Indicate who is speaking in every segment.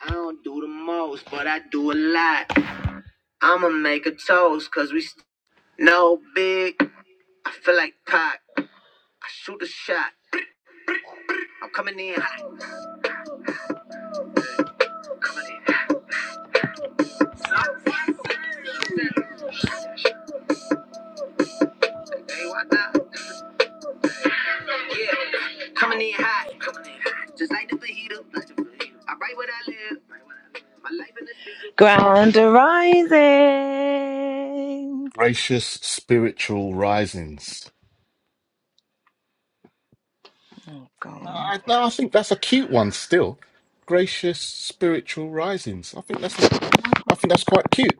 Speaker 1: I don't do the most, but I do a lot. I'ma make a toast, cause we st- no big. I feel like Pac. I shoot a shot. I'm coming in hot. Coming in hot. Hey, what now? Yeah. Coming in hot. Coming in hot. Just like the fajita. Like I write what I live. My life in the street. Grand rising.
Speaker 2: Gracious spiritual risings.
Speaker 1: Go
Speaker 2: I, no, I think that's a cute one still. Gracious spiritual risings. I think that's a, I think that's quite cute.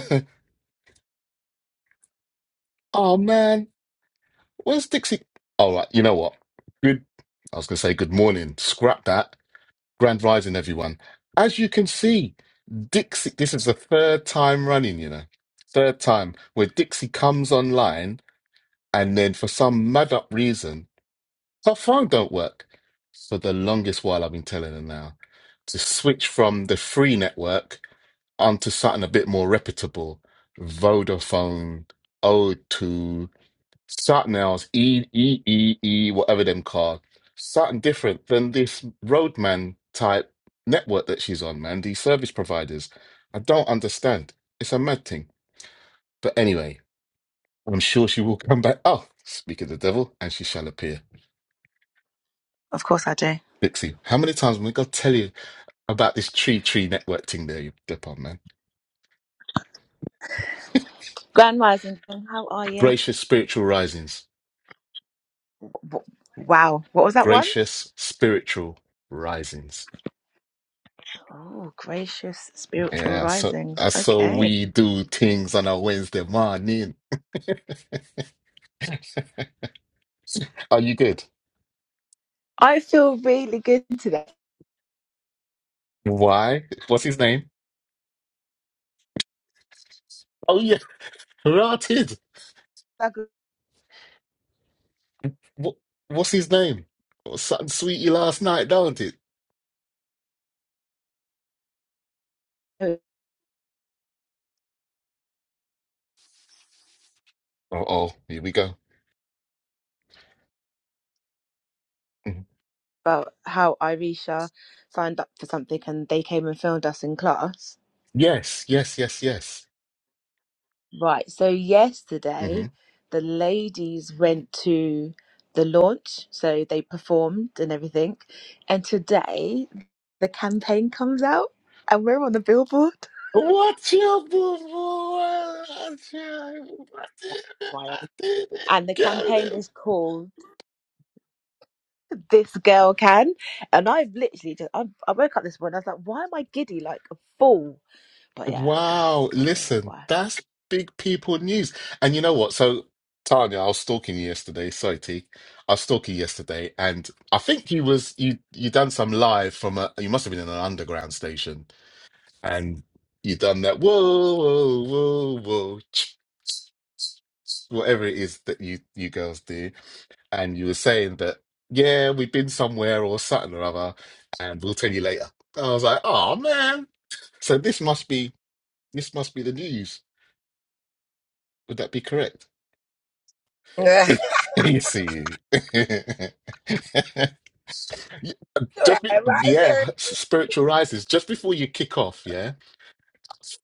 Speaker 2: Oh man, where's Dixie? All right, you know what? Good. I was going to say good morning. Scrap that. Grand rising, everyone. As you can see, Dixie. This is the third time running. You know, third time where Dixie comes online, and then for some mad up reason Our phone don't work. For the longest while, I've been telling her now to switch from the free network onto something a bit more reputable. Vodafone, O2, something else, E, E, E, E, whatever them called. Something different than this roadman type network that she's on, man. These service providers. I don't understand. It's a mad thing. But anyway, I'm sure she will come back. Oh, speak of the devil, and she shall appear.
Speaker 1: Of course I do.
Speaker 2: Dixie, how many times am I going to tell you? about this tree tree network thing there you dip on, man.
Speaker 1: Grand rising. How are you?
Speaker 2: Gracious spiritual risings.
Speaker 1: W- Wow. What was that one?
Speaker 2: Gracious spiritual risings.
Speaker 1: Oh, gracious spiritual
Speaker 2: Yeah, so
Speaker 1: risings.
Speaker 2: I saw
Speaker 1: Okay.
Speaker 2: we do things on a Wednesday morning. Are you good?
Speaker 1: I feel really good today.
Speaker 2: Why? What's his name? Oh yeah, rotted.
Speaker 1: I grew
Speaker 2: What, what's his name? Oh, something sweetie last night, don't it?
Speaker 1: up
Speaker 2: Oh, oh, here we go. Mhm.
Speaker 1: About how Irisha signed up for something and they came and filmed us in class.
Speaker 2: Yes, yes, yes, yes.
Speaker 1: Right. So,
Speaker 2: Mm-hmm.
Speaker 1: yesterday, the ladies went to the launch. So, they performed and everything. And today, the campaign comes out and we're on the billboard.
Speaker 2: What's your boo boo? What's your- I did it.
Speaker 1: Why?
Speaker 2: I did it.
Speaker 1: And the
Speaker 2: Got
Speaker 1: campaign
Speaker 2: it.
Speaker 1: is called this girl can. And I've literally just, I, I woke up this morning, I was like, why am I giddy like a fool? But yeah, that's
Speaker 2: Wow.
Speaker 1: probably
Speaker 2: Listen,
Speaker 1: why.
Speaker 2: that's big people news. And you know what? So, Tanya, I was stalking you yesterday. Sorry, T. I was stalking you yesterday, and I think you was you you done some live from a. You must have been in an underground station, and you done that. Whoa, whoa, whoa, whoa. Whatever it is that you you girls do and you were saying that, yeah, we've been somewhere or something or other, and we'll tell you later. I was like, oh man. So this must be this must be the news. Would that be correct?
Speaker 3: Ugh.
Speaker 2: you see. Yeah,
Speaker 3: Alright,
Speaker 2: Just be,
Speaker 3: right,
Speaker 2: yeah,
Speaker 3: there.
Speaker 2: spiritual rises. Just before you kick off, yeah,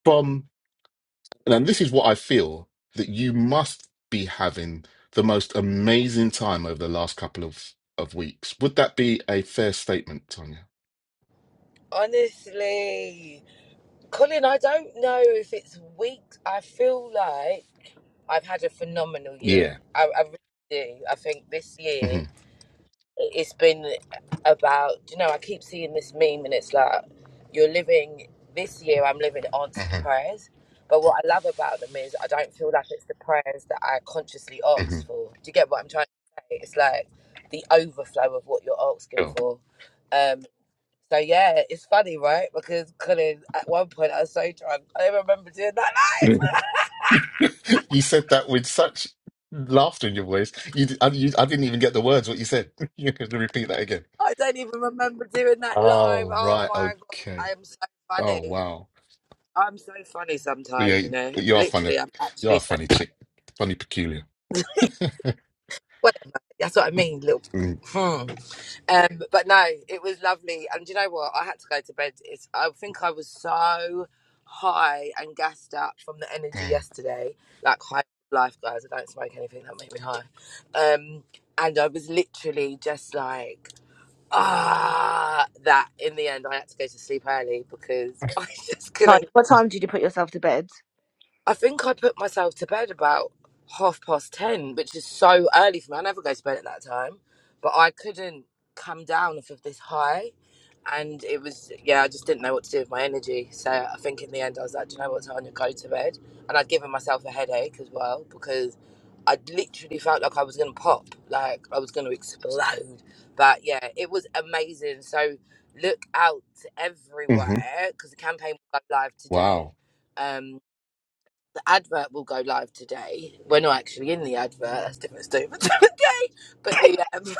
Speaker 2: from and this is what I feel that you must be having the most amazing time over the last couple of of weeks. Would that be a fair statement, Tonya?
Speaker 3: Honestly, Colin, I don't know if it's weeks. I feel like I've had a phenomenal year. I, I really do. I think this year
Speaker 2: hmm
Speaker 3: it's been about, you know, I keep seeing this meme and it's like, you're living, this year I'm living answered
Speaker 2: hmm
Speaker 3: prayers. But what I love about them is I don't feel like it's the prayers that I consciously
Speaker 2: hmm
Speaker 3: asked for. Do you get what I'm trying to say? It's like the overflow of what you're asking
Speaker 2: Cool.
Speaker 3: for. Um, So yeah, it's funny, right? Because Colin, at one point, I was so drunk, I don't remember doing that live.
Speaker 2: you said that with such laughter in your voice. You, d- I, you, I didn't even get the words what you said. You have to repeat that again.
Speaker 3: I don't even remember doing that live.
Speaker 2: Oh,
Speaker 3: Oh
Speaker 2: right.
Speaker 3: my god, I
Speaker 2: Okay.
Speaker 3: am so
Speaker 2: Oh,
Speaker 3: funny.
Speaker 2: wow.
Speaker 3: I'm so funny
Speaker 2: Well,
Speaker 3: sometimes,
Speaker 2: yeah,
Speaker 3: you know.
Speaker 2: you are funny.
Speaker 3: Literally, I'm
Speaker 2: You are
Speaker 3: actually
Speaker 2: a
Speaker 3: so
Speaker 2: funny chick. Funny peculiar.
Speaker 3: whatever. That's what I mean, little. Hmm. Um, but no, it was lovely. And do you know what? I had to go to bed. It's, I think I was so high and gassed up from the energy
Speaker 2: Mm-hmm.
Speaker 3: yesterday. Like high life, guys. I don't smoke anything that make me high. Um, and I was literally just like, ah, that in the end, I had to go to sleep early because I just couldn't
Speaker 1: Tanya, what time did you put yourself to bed?
Speaker 3: I think I put myself to bed about half past ten, which is so early for me. I never go to bed at that time, but I couldn't come down off of this high, and it was yeah. I just didn't know what to do with my energy, so I think in the end I was like, do you know what, Tanya, go to bed, and I'd given myself a headache as well because I literally felt like I was gonna pop, like I was gonna explode. But yeah, it was amazing. So look out everywhere because the campaign will go live today.
Speaker 2: Wow.
Speaker 3: Um, advert will go live today. We're not actually in the advert. That's a different story for different day. But the um,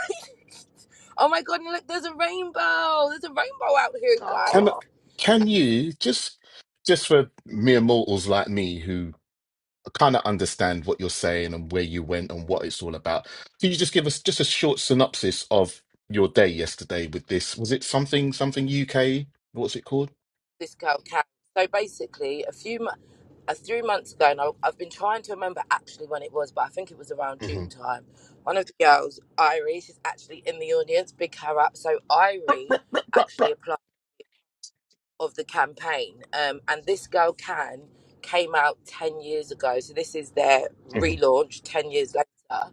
Speaker 3: oh my god! and Look, there's a rainbow. There's a rainbow out here,
Speaker 2: Can,
Speaker 3: guys.
Speaker 1: Oh,
Speaker 2: can you just just for mere mortals like me kind of understand what you're saying and where you went and what it's all about. Can you just give us just a short synopsis of your day yesterday with this? Was it something something UK? What's it called?
Speaker 3: This girl can. So basically, a few mo- uh, three months ago, and I, I've been trying to remember actually when it was, but I think it was around
Speaker 2: Mm-hmm.
Speaker 3: June time. One of the girls, Irie, she's actually in the audience. Big her up. So Irie
Speaker 2: Bruh, bruh.
Speaker 3: actually applied. of the campaign. Um, and this girl can came out ten years ago, so this is their
Speaker 2: Mm-hmm.
Speaker 3: relaunch ten years later,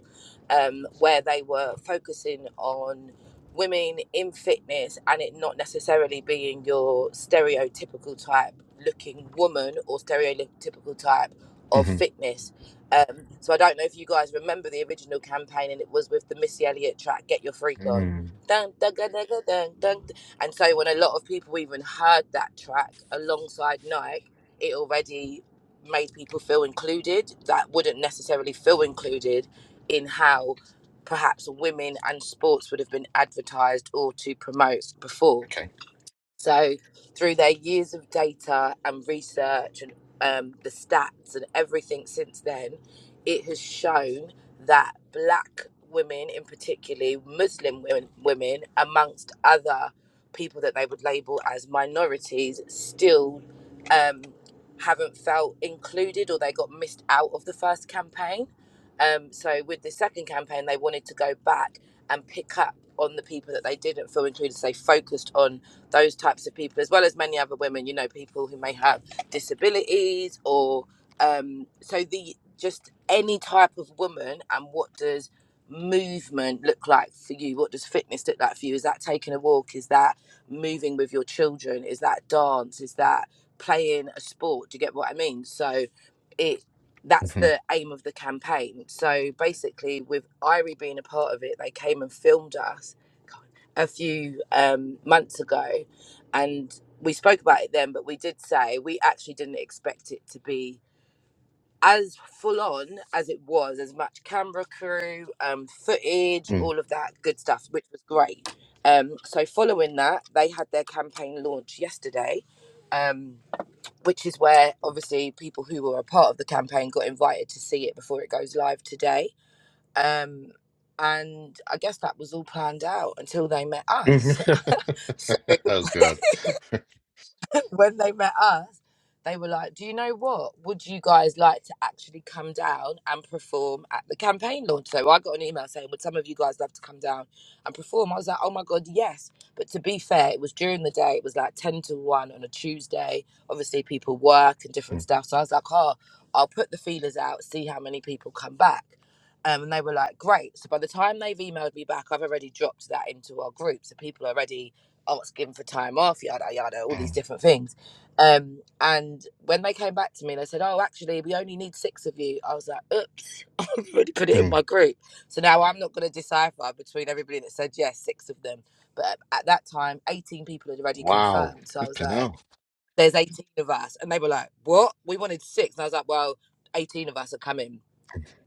Speaker 3: um, where they were focusing on women in fitness and it not necessarily being your stereotypical type looking woman or stereotypical type of
Speaker 2: Mm-hmm.
Speaker 3: fitness. Um, so I don't know if you guys remember the original campaign and it was with the Missy Elliott track "Get Your Freak On."
Speaker 2: Mm-hmm.
Speaker 3: Dun, dun, dun, dun, dun, dun, and so when a lot of people even heard that track alongside Nike, it already made people feel included that wouldn't necessarily feel included in how perhaps women and sports would have been advertised or to promote before.
Speaker 2: Okay.
Speaker 3: So, through their years of data and research and um, the stats and everything since then, it has shown that black women, in particularly Muslim women, women amongst other people that they would label as minorities, still um, haven't felt included or they got missed out of the first campaign. Um, so, with the second campaign, they wanted to go back and pick up on the people that they didn't feel included. So, they focused on those types of people, as well as many other women, you know, people who may have disabilities or um, so the just any type of woman and what does movement look like for you? What does fitness look like for you? Is that taking a walk? Is that moving with your children? Is that dance? Is that playing a sport? Do you get what I mean? So it that's
Speaker 2: Mm-hmm.
Speaker 3: the aim of the campaign. So basically with Irie being a part of it, they came and filmed us a few um, months ago, and we spoke about it then. But we did say we actually didn't expect it to be as full on as it was, as much camera crew, um, footage, all of that good stuff, which was great. Um, so following that, they had their campaign launch yesterday. Um, which is where obviously people who were a part of the campaign got invited to see it before it goes live today um, and I guess that was all planned out until they met us.
Speaker 2: Mm-hmm.
Speaker 3: so
Speaker 2: oh god.
Speaker 3: when they met us, they were like, Do you know what? Would you guys like to actually come down and perform at the campaign launch? So I got an email saying, Would some of you guys love to come down and perform? I was like, Oh my God, yes. But to be fair, it was during the day, it was like 10 to 1 on a Tuesday. Obviously, people work and different stuff. So I was like, Oh, I'll put the feelers out, see how many people come back. Um, and they were like, Great. So by the time they've emailed me back, I've already dropped that into our group. So people are already I was given for time off, yada yada, all these
Speaker 2: Mm, mm,
Speaker 3: different things. Um, and when they came back to me, they said, "Oh, actually, we only need six of you." I was like, "Oops, I have already put it in
Speaker 2: mm.
Speaker 3: my group." So now I'm not going to decipher between everybody that said yes, six of them. But at that time, 18 people had already
Speaker 2: Wow.
Speaker 3: confirmed. So I was
Speaker 2: Flipping
Speaker 3: like,
Speaker 2: hell.
Speaker 3: "There's 18 of us," and they were like, "What? We wanted six. And I was like, "Well, 18 of us are coming."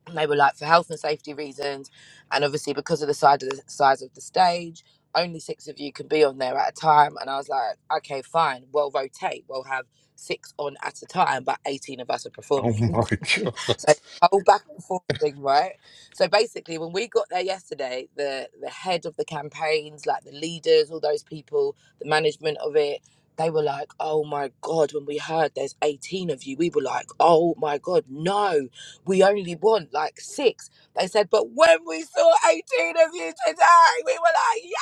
Speaker 3: And they were like for health and safety reasons and obviously because of the side of the size of the stage only six of you can be on there at a time and i was like okay fine we'll rotate we'll have six on at a time but 18 of us are
Speaker 2: Oh
Speaker 3: performing
Speaker 2: my
Speaker 3: so
Speaker 2: god.
Speaker 3: this whole back and forth thing right so basically when we got there yesterday the the head of the campaigns like the leaders all those people the management of it they were like oh my god when we heard there's 18 of you we were like oh my god no we only want like six. They said, but when we saw 18 of you today, we were like,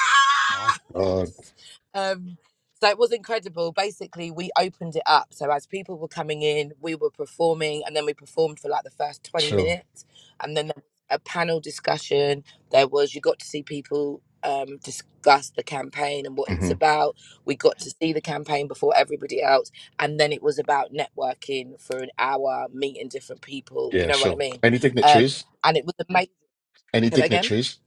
Speaker 2: Oh god.
Speaker 3: yes. um, so it was incredible. Basically, we opened it up. So as people were coming in, we were performing, and then we performed for like the first 20
Speaker 2: Sure.
Speaker 3: minutes. And then there was a panel discussion. There was, you got to see people um, discuss the campaign and what it's
Speaker 2: hmm
Speaker 3: about. We got to see the campaign before everybody else and then it was about networking for an hour, meeting different people. You
Speaker 2: Yeah,
Speaker 3: know what I
Speaker 2: sure.
Speaker 3: mean?
Speaker 2: Any
Speaker 3: Um,
Speaker 2: dignitaries?
Speaker 3: and it was amazing.
Speaker 2: Any
Speaker 3: Say that again.
Speaker 2: dignitaries?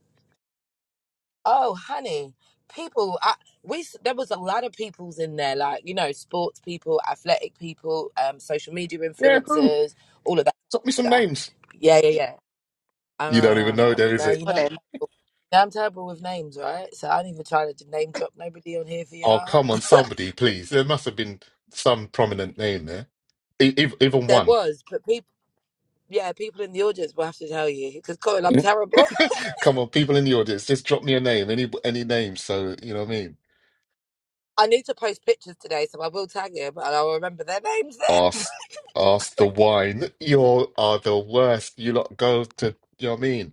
Speaker 3: Oh, honey, people, I, we s- there was a lot of peoples in there, like you know, sports people, athletic people, um, social media
Speaker 2: Yeah, who?
Speaker 3: influencers, all of that
Speaker 2: Drop me some
Speaker 3: stuff.
Speaker 2: names.
Speaker 3: Yeah, yeah, yeah.
Speaker 2: You don't even know
Speaker 3: Um,
Speaker 2: there is
Speaker 3: now
Speaker 2: it.
Speaker 3: you know.
Speaker 1: Colin.
Speaker 3: now I'm terrible with names, right? So I do not even try to name drop nobody on here for
Speaker 2: Oh,
Speaker 3: y'all.
Speaker 2: come on, somebody,
Speaker 3: But
Speaker 2: please. There must have been some prominent name there, E- ev- even
Speaker 3: There
Speaker 2: one.
Speaker 3: was, but people, yeah, people in the audience will have to tell you because Coral, I'm terrible.
Speaker 2: come on, people in the audience, just drop me a name, any any name. So you know what I mean.
Speaker 3: I need to post pictures today, so I will tag you. But I'll remember their names then.
Speaker 2: Ask, ask the wine. You are the worst. You lot go to you know what I mean,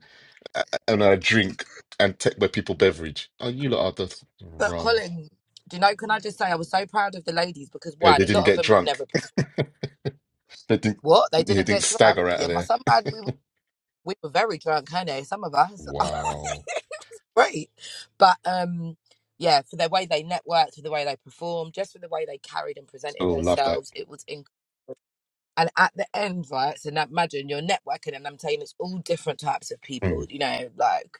Speaker 2: A- and I drink and take my people beverage. Oh, you lot are the
Speaker 3: but
Speaker 2: wrong.
Speaker 3: Colin, do you know, can I just say I was so proud of the ladies because
Speaker 2: Yeah,
Speaker 3: one,
Speaker 2: they
Speaker 3: a
Speaker 2: didn't
Speaker 3: lot of
Speaker 2: get
Speaker 3: them have
Speaker 2: drunk.
Speaker 3: never performed.
Speaker 2: they didn't.
Speaker 3: What? They
Speaker 2: They
Speaker 3: didn't
Speaker 2: didn't
Speaker 3: get
Speaker 2: stagger
Speaker 3: drunk?
Speaker 2: out of
Speaker 3: Yeah, my
Speaker 2: there.
Speaker 3: son man, we, we were very drunk, honey, some of us.
Speaker 2: Wow.
Speaker 3: Great. But um yeah, for the way they networked, for the way they performed, just for the way they carried and
Speaker 2: Oh,
Speaker 3: presented
Speaker 2: love that.
Speaker 3: themselves, it was and at the end, right? So now imagine you're networking, and I'm saying it's all different types of people,
Speaker 2: Mm,
Speaker 3: you know, like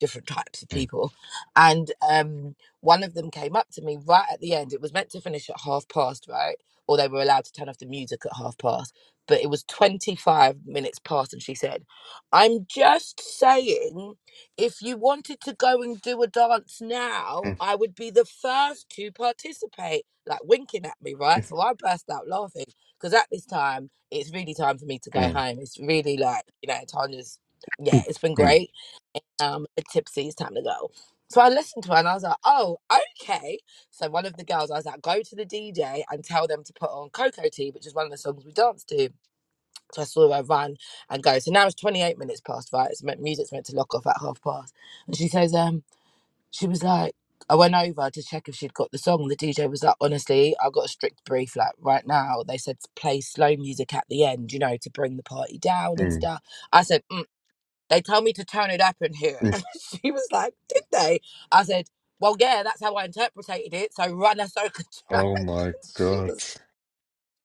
Speaker 3: different types of
Speaker 2: mm.
Speaker 3: people. And um, one of them came up to me right at the end. It was meant to finish at half past, right? Or they were allowed to turn off the music at half past, but it was 25 minutes past. And she said, I'm just saying, if you wanted to go and do a dance now, I would be the first to participate, like winking at me, right? So I burst out laughing because at this time, it's really time for me to go
Speaker 2: Mm, mm,
Speaker 3: home. It's really like, you know, Tanya's, yeah,
Speaker 2: mm,
Speaker 3: it's been
Speaker 2: mm,
Speaker 3: great. Um, a tipsy, it's time to go. So I listened to her and I was like, oh, okay. So one of the girls, I was like, go to the DJ and tell them to put on Coco Tea, which is one of the songs we danced to. So I saw her run and go. So now it's 28 minutes past, right? It's meant, music's meant to lock off at half past. And she says, um, she was like, I went over to check if she'd got the song. The DJ was like, honestly, I got a strict brief. Like right now, they said to play slow music at the end, you know, to bring the party down and
Speaker 2: mm,
Speaker 3: stuff. I said, mm, they tell me to turn it up in here.
Speaker 2: mm.
Speaker 3: And she was like, did they? I said, well, yeah, that's how I interpreted it. So run a soca track.
Speaker 2: Oh my
Speaker 3: she
Speaker 2: God.
Speaker 3: was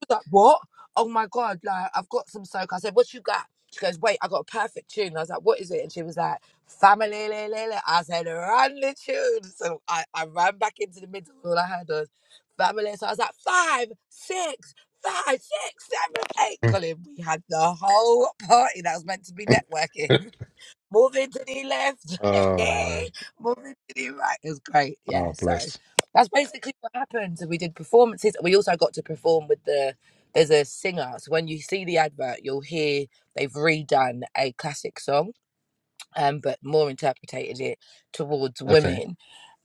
Speaker 3: was like, what? Oh my God, like, I've got some soca. I said, what you got? She goes, wait, I got a perfect tune. I was like, what is it? And she was like, family, le, le, le. I said, run the tune. So I, I ran back into the middle. All I heard was family. So I was like, five, six, five, six, seven, eight.
Speaker 2: Mm,
Speaker 3: Colin, we had the whole party that was meant to be
Speaker 2: mm,
Speaker 3: networking
Speaker 2: mm.
Speaker 3: moving to the left,
Speaker 2: Oh
Speaker 3: hey,
Speaker 2: man.
Speaker 3: moving to the right. It was great, yeah.
Speaker 2: Oh
Speaker 3: So
Speaker 2: bless.
Speaker 3: that's basically what happened. And we did performances. We also got to perform with the there's a singer. So when you see the advert, you'll hear they've redone a classic song, um, but more interpreted it towards
Speaker 2: Okay.
Speaker 3: women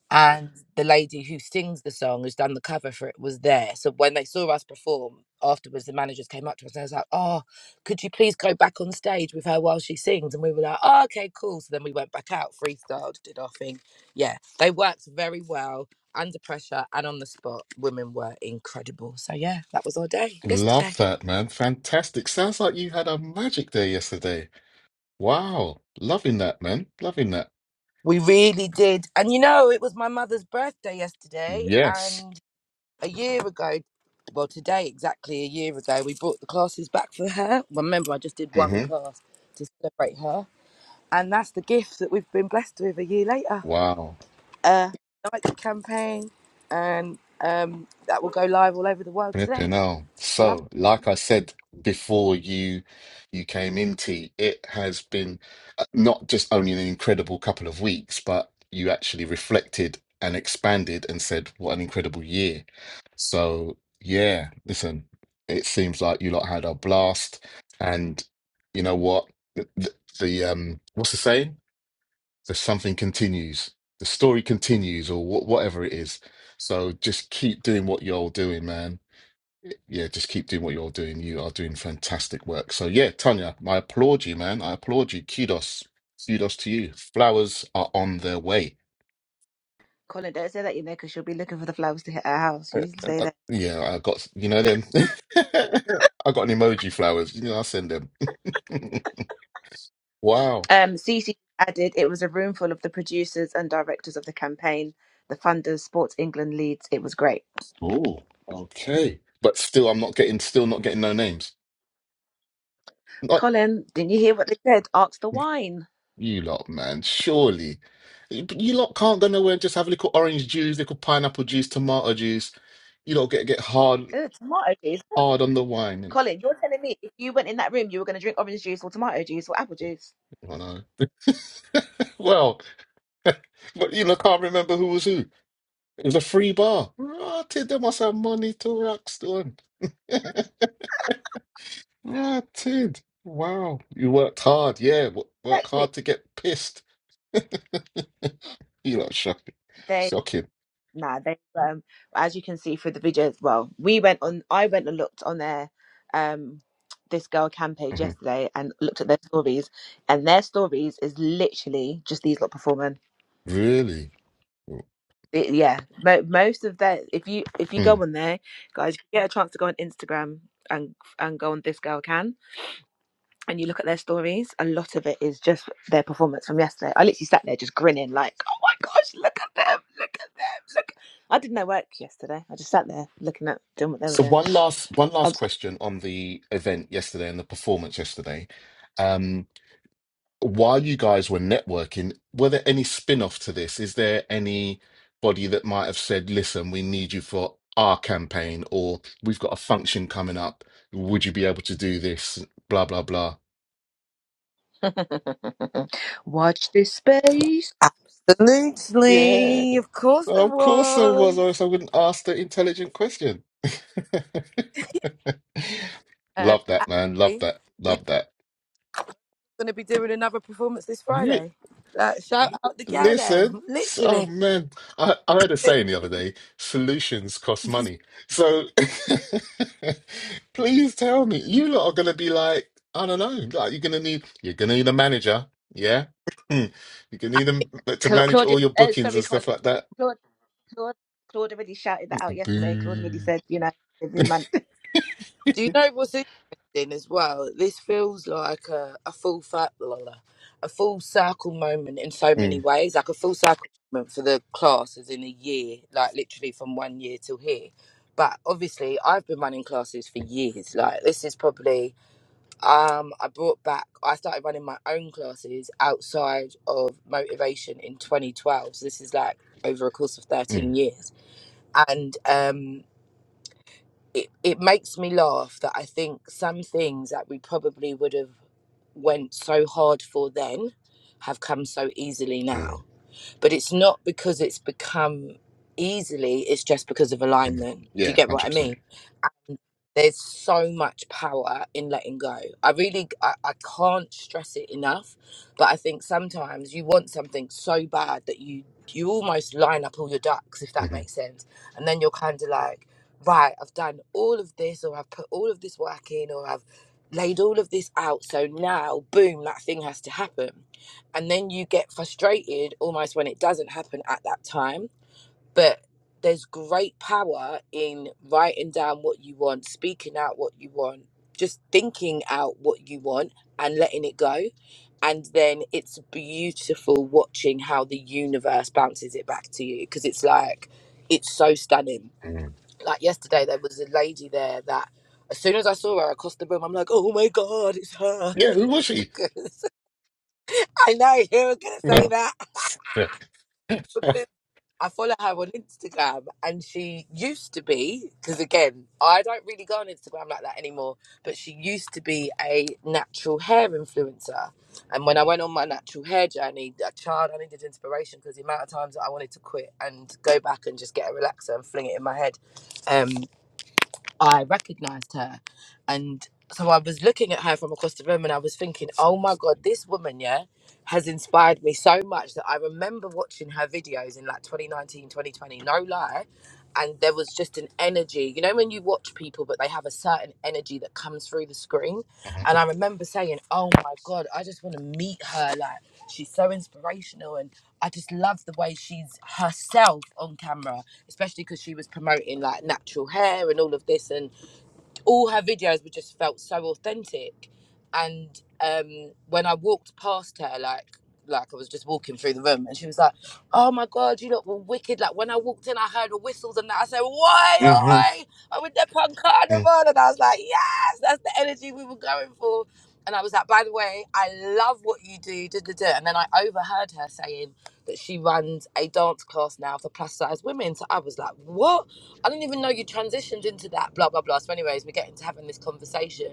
Speaker 3: and the lady who sings the song who's done the cover for it was there so when they saw us perform afterwards the managers came up to us and I was like oh could you please go back on stage with her while she sings and we were like oh, okay cool so then we went back out freestyled did our thing yeah they worked very well under pressure and on the spot women were incredible so yeah that was our day yesterday
Speaker 2: Love that, man. Fantastic. Sounds like you had a magic day yesterday. Wow. Loving that, man. Loving that.
Speaker 3: we really did and you know it was my mother's birthday yesterday
Speaker 2: Yes.
Speaker 3: and a year ago, well, today exactly a year ago, we brought the classes back for her. Well, remember, I just did one
Speaker 2: hmm
Speaker 3: class to celebrate her, and that's the gift that we've been blessed with a year later.
Speaker 2: Wow.
Speaker 3: Uh, like campaign, and um, that will go live all over the world today.
Speaker 2: Flipping hell.
Speaker 3: Love.
Speaker 2: So, like I said before you you came into it has been uh, not just only an incredible couple of weeks, but you actually reflected and expanded and said, what an incredible year. So, yeah, listen, it seems like you lot had a blast and you know what? The, the, the um what's the saying? The something continues. The story continues or wh whatever it is. So just keep doing what you're all doing, man yeah, just keep doing what you're doing. You are doing fantastic work. So yeah, Tanya, I applaud you, man. I applaud you. Kudos, kudos to you. Flowers are on their way.
Speaker 1: Colin, don't say that, you know, because she'll be looking for the flowers to hit her house.
Speaker 2: Uh,
Speaker 1: You
Speaker 2: uh,
Speaker 1: say
Speaker 2: uh,
Speaker 1: that.
Speaker 2: Yeah, I got you know them. I got an emoji flowers. You know, I send them. wow.
Speaker 1: Um, Cece added, it was a room full of the producers and directors of the campaign, the funders, Sports England leads. It was great.
Speaker 2: Oh, okay. But still, I'm not getting. Still not getting no names. Not
Speaker 1: Colin, didn't you hear what they said? Ask the wine.
Speaker 2: you lot, man. Surely, you you lot can't go nowhere and just have a little orange juice, little pineapple juice, tomato juice you lot get get hard.
Speaker 1: Ew, tomato juice.
Speaker 2: hard on the wine. And,
Speaker 1: Colin, you're telling me if you went in that room, you were going to drink orange juice or tomato juice or apple juice.
Speaker 2: oh, no. Well, but you know, can't remember who was who. It was a free bar. Rotted. They must have money to Rockstone. Rotted. Wow. You worked hard. Yeah. wo- Work
Speaker 1: Exactly.
Speaker 2: hard to get pissed. You know, shocking.
Speaker 1: They
Speaker 2: Shocking.
Speaker 1: nah, they um as you can see through the video as well. We went on I went and looked on their um this girl cam page
Speaker 2: Mhm.
Speaker 1: yesterday and looked at their stories and their stories is literally just these lot performing.
Speaker 2: Really?
Speaker 1: It- yeah. Mo- most of their if you if you go
Speaker 2: Mm.
Speaker 1: on there, guys, if you get a chance to go on Instagram and and go on this girl can. and you look at their stories, a lot of it is just their performance from yesterday. I literally sat there just grinning, like, oh my gosh, look at them, look at them, look. I did no work yesterday. I just sat there looking at doing what they were
Speaker 2: So
Speaker 1: doing.
Speaker 2: one last one
Speaker 1: Um,
Speaker 2: last question on the event yesterday and the performance yesterday. Um, while you guys were networking, were there any spin-off to this? Is there anybody that might have said, "Listen, we need you for our campaign," or "We've got a function coming up. Would you be able to do this?" Blah blah blah.
Speaker 1: Watch this space.
Speaker 2: Yeah,
Speaker 3: Absolutely. Of course there
Speaker 2: of course there was, or
Speaker 3: was.
Speaker 2: else I wouldn't ask the intelligent question.
Speaker 3: Um,
Speaker 2: Love that, man. Love
Speaker 3: actually,
Speaker 2: that.
Speaker 3: we're
Speaker 2: Love that.
Speaker 3: going to be doing another performance this Friday. Like, shout out the gal
Speaker 2: Listen,
Speaker 3: them,
Speaker 2: s-
Speaker 3: literally.
Speaker 2: oh man, I, I heard a saying the other day, solutions cost money. So please tell me, you lot are gonna be like, I don't know, like you're gonna need you're gonna need a manager, yeah? You're gonna need them to
Speaker 1: Cla-
Speaker 2: manage
Speaker 1: Claudia,
Speaker 2: all your
Speaker 1: uh,
Speaker 2: bookings
Speaker 1: sorry,
Speaker 2: and
Speaker 1: Colin.
Speaker 2: stuff like that.
Speaker 1: Claude, Claude, Claude already shouted that out yesterday. Claude already
Speaker 2: Boo.
Speaker 1: said, you know, every month.
Speaker 3: Do you know what's interesting as well? This feels like a, a full fi- la, la, a full circle moment in so many
Speaker 2: Mm,
Speaker 3: ways, like a full circle moment for the classes in a year, like literally from one year till here. But obviously, I've been running classes for years. Like this is probably um, I brought back. I started running my own classes outside of motivation in 2012. So this is like over a course of
Speaker 2: mm,
Speaker 3: 13 years, and um, it, it makes me laugh that I think some things that we probably would have went so hard for then have come so easily now
Speaker 2: mm,
Speaker 3: but it's not because it's become easily it's just because of
Speaker 2: mm.
Speaker 3: alignment do you
Speaker 2: Yeah,
Speaker 3: get what
Speaker 2: 100%.
Speaker 3: i
Speaker 2: percent
Speaker 3: mean and there's so much power in letting go i really I, I can't stress it enough but i think sometimes you want something so bad that you you almost line up all your ducks if that
Speaker 2: Mhm,
Speaker 3: makes sense and then you're kind of like right i've done all of this or i've put all of this work in or i've laid all of this out so now boom that thing has to happen and then you get frustrated almost when it doesn't happen at that time but there's great power in writing down what you want speaking out what you want just thinking out what you want and letting it go and then it's beautiful watching how the universe bounces it back to you because it's like it's so stunning
Speaker 2: mhm.
Speaker 3: like yesterday there was a lady there that as soon as I saw her across the room, I'm like, oh my God, it's her.
Speaker 2: Yeah, who was she?
Speaker 3: Because I know you were going to say
Speaker 2: Yeah.
Speaker 3: that
Speaker 2: Yeah.
Speaker 3: because. I follow her on Instagram, and she used to be because again, I don't really go on Instagram like that anymore. But she used to be a natural hair influencer, and when I went on my natural hair journey, a child, I needed inspiration because the amount of times that I wanted to quit and go back and just get a relaxer and fling it in my head, um. I recognized her. And so I was looking at her from across the room and I was thinking, oh my God, this woman, yeah, has inspired me so much that I remember watching her videos in like 2019, 2020. no lie. And there was just an energy, you know, when you watch people, but they have a certain energy that comes through the screen. And I remember saying, oh my God, I just want to meet her. Like, she's so inspirational. And I just love the way she's herself on camera especially because she was promoting like natural hair and all of this and all her videos were just felt so authentic and um when i walked past her like like i was just walking through the room and she was like oh my god you look wicked like when i walked in i heard the whistles and that i said
Speaker 2: hmm
Speaker 3: why oi i'm with the punk carnival and i was like yes that's the energy we were going for and i was like by the way i love what you do da, da, da. and then i overheard her saying that she runs a dance class now for plus size women so i was like what I didn't even know you transitioned into that, blah, blah, blah. So, anyways, we're getting to having this conversation.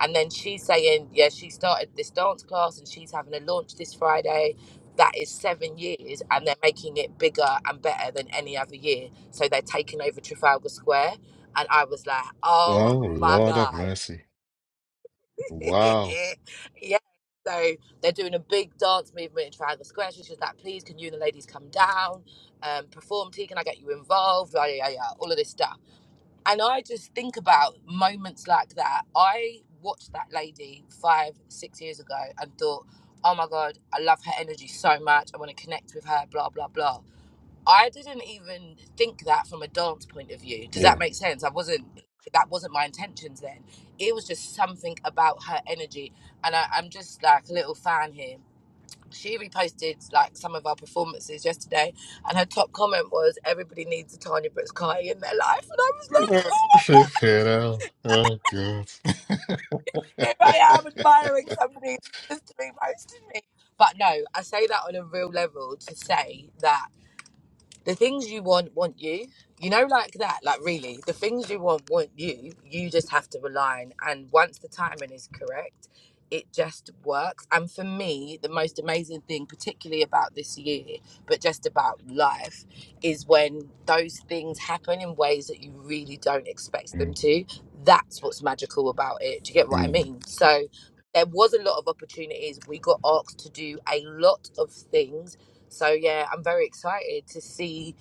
Speaker 3: And then she's saying, yeah, she started this dance class and she's having a launch this Friday. That is seven years, and they're making it bigger and better than any other year. So, they're taking over Trafalgar Square. And I was like, oh
Speaker 2: Oh,
Speaker 3: my
Speaker 2: Lord have
Speaker 3: God.
Speaker 2: mercy. Wow.
Speaker 3: yeah. So, they're doing a big dance movement in Trafalgar Square. So she's just like, please, can you and the ladies come down, um, perform? T, can I get you involved? Yeah, yeah, yeah. yeah. All of this stuff. And I just think about moments like that. I watched that lady five, six years ago and thought, oh my God, I love her energy so much. I want to connect with her, blah, blah, blah. I didn't even think that from a dance point of view. Does
Speaker 2: Yeah.
Speaker 3: that make sense? I wasn't, that wasn't my intentions then. It was just something about her energy. And I, I'm just like a little fan here. She reposted like some of our performances yesterday, and her top comment was, "Everybody needs a Tanya Brooks Kai in their life," and I was
Speaker 2: Oh,
Speaker 3: like, oh
Speaker 2: shit, you know. Oh, God.
Speaker 3: Here I am admiring somebody that's just doing most of me. But no, I say that on a real level to say that the things you want want you you know like that like really the things you want want you you just have to align and once the timing is correct it just works and for me the most amazing thing particularly about this year but just about life is when those things happen in ways that you really don't expect them
Speaker 2: Mm,
Speaker 3: to that's what's magical about it do you get what i
Speaker 2: mm,
Speaker 3: mean so there was a lot of opportunities we got asked to do a lot of things so yeah, I'm very excited to see,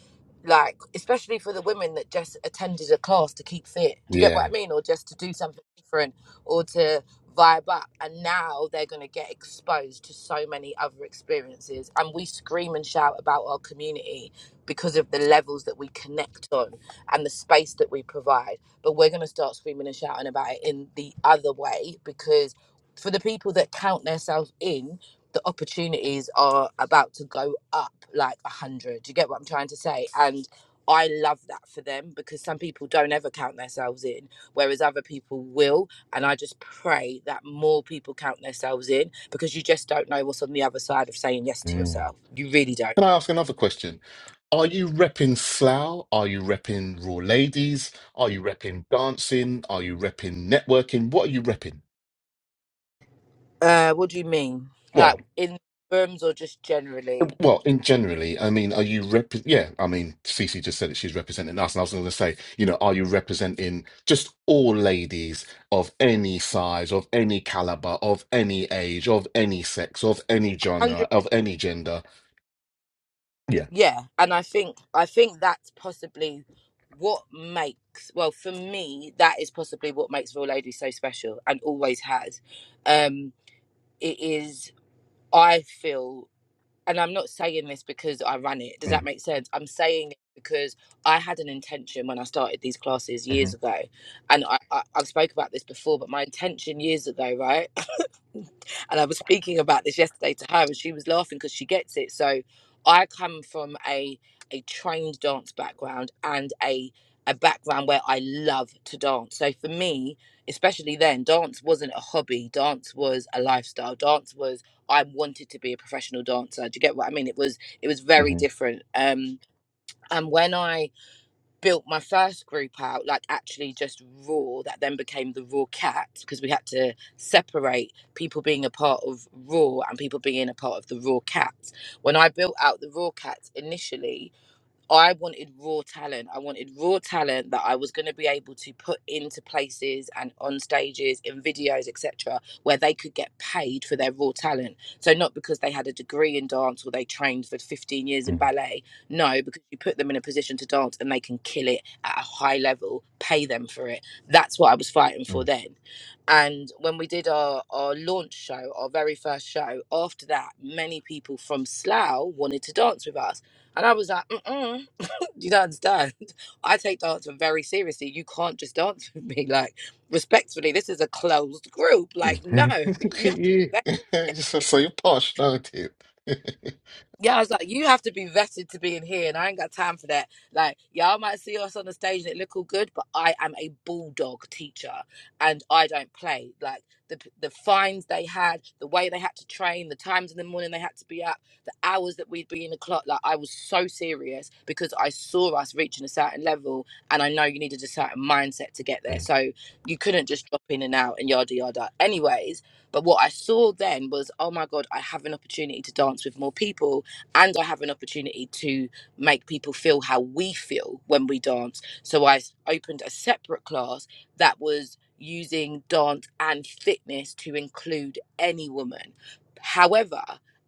Speaker 3: like, especially for the women that just attended a class to keep fit. Do you get what I
Speaker 2: yeah.
Speaker 3: mean? Or just to do something different or to vibe up. And now they're going to get exposed to so many other experiences. And we scream and shout about our community because of the levels that we connect on and the space that we provide. But we're going to start screaming and shouting about it in the other way because for the people that count themselves in, the opportunities are about to go up like a hundred. Do You get what I'm trying to say? And I love that for them because some people don't ever count themselves in, whereas other people will. And I just pray that more people count themselves in because you just don't know what's on the other side of saying yes to
Speaker 2: Mm.
Speaker 3: yourself. You really don't.
Speaker 2: Can I ask another question? Are you repping Slough? Are you repping Raw Ladies? Are you repping dancing? Are you repping networking? What are you repping?
Speaker 3: Uh, what do you mean?
Speaker 2: Well,
Speaker 3: Like in rooms or just generally?
Speaker 2: Well, in generally, I mean, are you rep? Yeah, I mean, Cece just said that she's representing us, and I was going to say, you know, are you representing just all ladies of any size, of any caliber, of any age, of any sex, of any
Speaker 3: 100%.
Speaker 2: genre, of any gender? Yeah.
Speaker 3: Yeah, and I think I think that's possibly what makes well for me that is possibly what makes Real Lady so special and always has. Um it is I feel and I'm not saying this because I ran it. Does that
Speaker 2: Mm,
Speaker 3: make sense? I'm saying it because I had an intention when I started these classes
Speaker 2: hmm
Speaker 3: years ago, and I, I I've spoke about this before. But my intention years ago, right? and I was speaking about this yesterday to her, and she was laughing because she gets it. So I come from a a trained dance background and a a background where I love to dance. So for me, especially then, dance wasn't a hobby. Dance was a lifestyle. Dance was I wanted to be a professional dancer. Do you get what I mean? It was it was very
Speaker 2: hmm
Speaker 3: different. Um, and when I built my first group out like actually just raw that then became the raw cat because we had to separate people being a part of raw and people being a part of the raw cats. when i built out the raw cats initially I wanted raw talent. I wanted raw talent that I was going to be able to put into places and on stages, in videos, etc., where they could get paid for their raw talent. So not because they had a degree in dance or they trained for 15 years
Speaker 2: hmm
Speaker 3: in ballet. No, because you put them in a position to dance and they can kill it at a high level, pay them for it. That's what I was fighting
Speaker 2: hmm
Speaker 3: for then. And when we did our, our launch show, our very first show, after that, many people from Slough wanted to dance with us and I was like, mm-mm, you don't understand. I take dancing very seriously. You can't just dance with me. Like, respectfully, this is a closed group. Like, no,
Speaker 2: Look
Speaker 3: you
Speaker 2: at
Speaker 3: have to
Speaker 2: you.
Speaker 3: be
Speaker 2: You're so, so you're posh, aren't you?
Speaker 3: Yeah, I was like, you have to be vetted to be in here, and I ain't got time for that. Like, y'all might see us on the stage and it look all good, but I am a bulldog teacher, and I don't play. Like the p- the fines they had, the way they had to train, the times in the morning they had to be up, the hours that we'd be in the clock. Like, I was so serious because I saw us reaching a certain level, and I know you needed a certain mindset to get there. So you couldn't just drop in and out and yada yada. Anyways, but what I saw then was, oh my god, I have an opportunity to dance with more people and I have an opportunity to make people feel how we feel when we dance. So I s- opened a separate class that was using dance and fitness to include any woman. However,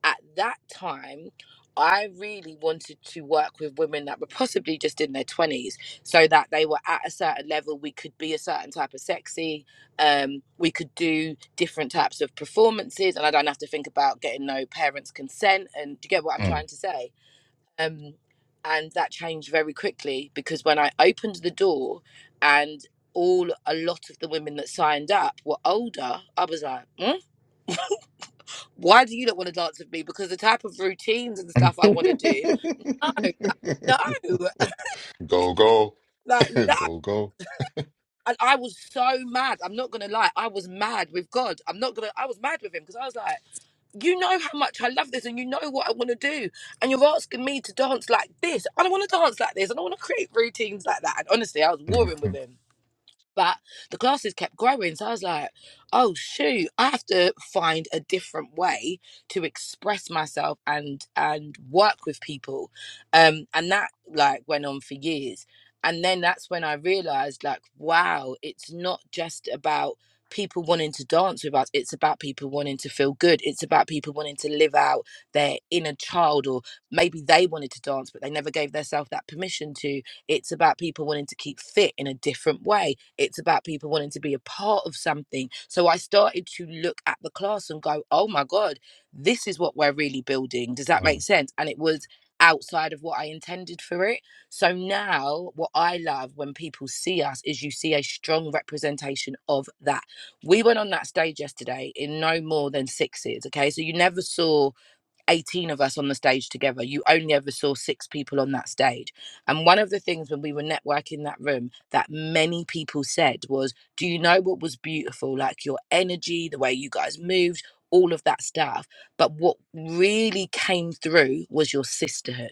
Speaker 3: at that time, I really wanted to work with women that were possibly just in their 20s so that they were at a certain level. We could be a certain type of sexy, um, we could do different types of performances and i don't have to think about getting no parents consent and do you get what i'm
Speaker 2: Mm,
Speaker 3: trying to say um, and that changed very quickly because when i opened the door and all a lot of the women that signed up were older i was like "Hmm? why do you not want to dance with me because the type of routines and stuff i want to do no like,
Speaker 2: mm.
Speaker 3: no
Speaker 2: go go
Speaker 3: like no
Speaker 2: go go.
Speaker 3: and i was so mad i'm not gonna lie i was mad with god i'm not gonna i was mad with him because i was like you know how much I love this and you know what I want to do. And you're asking me to dance like this. I don't want to dance like this. I don't want to create routines like that. And honestly, I was warring with
Speaker 2: Mhm.
Speaker 3: him but the classes kept growing. So I was like, oh, shoot, I have to find a different way to express myself and, and work with people. Um, and that like went on for years. And then that's when I realized like, wow, it's not just about people wanting to dance with us. It's about people wanting to feel good. It's about people wanting to live out their inner child or maybe they wanted to dance, but they never gave themselves that permission to. It's about people wanting to keep fit in a different way it's about people wanting to be a part of something. So I started to look at the class and go, oh my God, this is what we're really building. Does that make
Speaker 2: Mm.
Speaker 3: sense? And it was outside of what I intended for it. So now, what I love when people see us is you see a strong representation of that. We went on that stage yesterday in no more than sixes. Okay. So you never saw 18 of us on the stage together you only ever saw six people on that stage and one of the things when we were networking that room that many people said was do you know what was beautiful like your energy the way you guys moved all of that stuff but what really came through was your sisterhood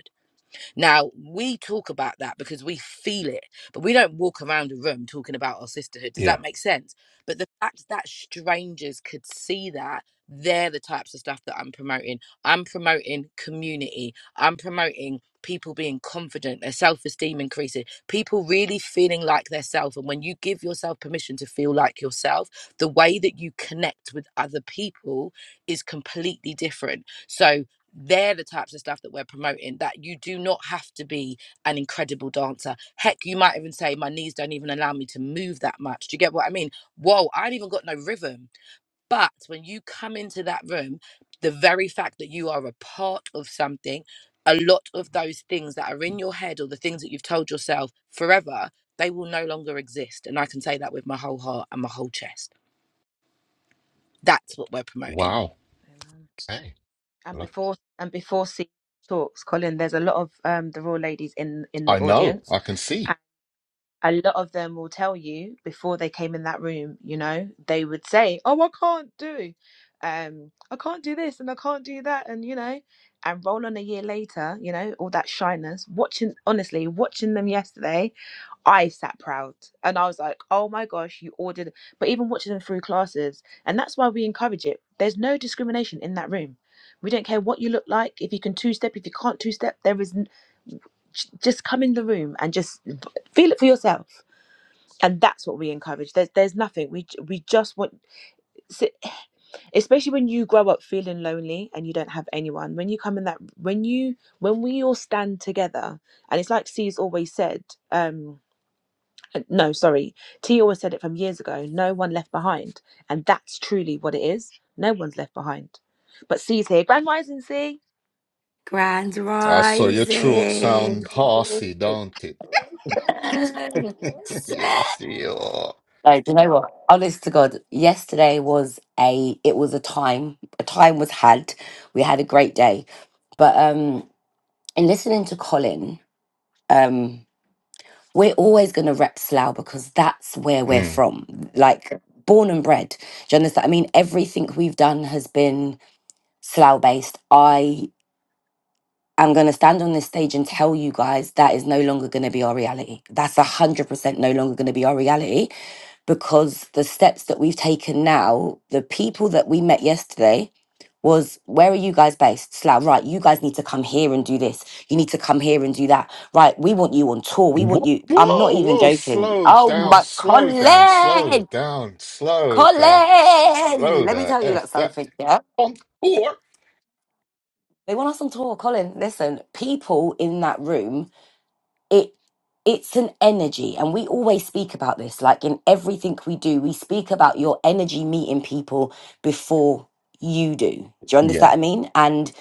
Speaker 3: now, we talk about that because we feel it, but we don't walk around a room talking about our sisterhood. Does
Speaker 2: Yeah.
Speaker 3: that make sense? But the fact that strangers could see that, they're the types of stuff that I'm promoting. I'm promoting community, I'm promoting people being confident, their self esteem increasing, people really feeling like their self. And when you give yourself permission to feel like yourself, the way that you connect with other people is completely different. So, they're the types of stuff that we're promoting that you do not have to be an incredible dancer heck you might even say my knees don't even allow me to move that much do you get what i mean whoa i've even got no rhythm but when you come into that room the very fact that you are a part of something a lot of those things that are in your head or the things that you've told yourself forever they will no longer exist and i can say that with my whole heart and my whole chest that's what we're promoting
Speaker 2: Wow.
Speaker 1: Amen.
Speaker 2: Okay.
Speaker 1: And
Speaker 2: Well,
Speaker 1: before and before C talks, Colin, there's a lot of um, the raw ladies in in the
Speaker 2: I know.
Speaker 1: audience,
Speaker 2: I can see.
Speaker 1: a lot of them will tell you before they came in that room, you know, they would say, Oh, I can't do, um, I can't do this and I can't do that. And, you know, and roll on a year later, you know, all that shyness. Watching, honestly, watching them yesterday, I sat proud and I was like, Oh my gosh, you ordered. But even watching them through classes, and that's why we encourage it. There's no discrimination in that room. We don't care what you look like. If you can two step, if you can't two step, there is n- j- just come in the room and just feel it for yourself and that's what we encourage there's there's nothing we j- we just want s- especially when you grow up feeling lonely and you don't have anyone when you come in that when you when we all stand together and it's like c's always said um uh, no sorry t always said it from years ago no one left behind and that's truly what it is no one's left behind but c's here grand rising c
Speaker 4: Grand
Speaker 2: I saw your throat sound
Speaker 4: Rising.
Speaker 2: horsey, don't it? yes, you are.
Speaker 4: No, do you know what? Honest to God, yesterday was a it was a time. A time was had. We had a great day. But um in listening to Colin, um, we're always gonna rep Slough because that's where we're
Speaker 2: Mm.
Speaker 4: from. Like born and bred. Do you understand? I mean, everything we've done has been Slough based. I. I'm going to stand on this stage and tell you guys that is no longer going to be our reality. That's 100% no longer going to be our reality because the steps that we've taken now, the people that we met yesterday was, where are you guys based? Slough, right, you guys need to come here and do this. You need to come here and do that. Right, we want you on tour. We want
Speaker 2: Whoa,
Speaker 4: you. I'm not
Speaker 2: whoa,
Speaker 4: even
Speaker 2: whoa.
Speaker 4: joking.
Speaker 2: Slow
Speaker 4: Oh
Speaker 2: down,
Speaker 4: my,
Speaker 2: slow down, slow
Speaker 4: Colin!
Speaker 2: down, slow the,
Speaker 4: Colin!
Speaker 2: slow
Speaker 4: Let me
Speaker 2: the
Speaker 4: tell you like
Speaker 2: F that
Speaker 4: something, yeah?
Speaker 2: on or.
Speaker 4: They want us on tour, Colin. Listen, people in that room it it's an energy and we always speak about this like in everything we do we speak about your energy meeting people before you do do you understand
Speaker 2: Yeah.
Speaker 4: what i mean and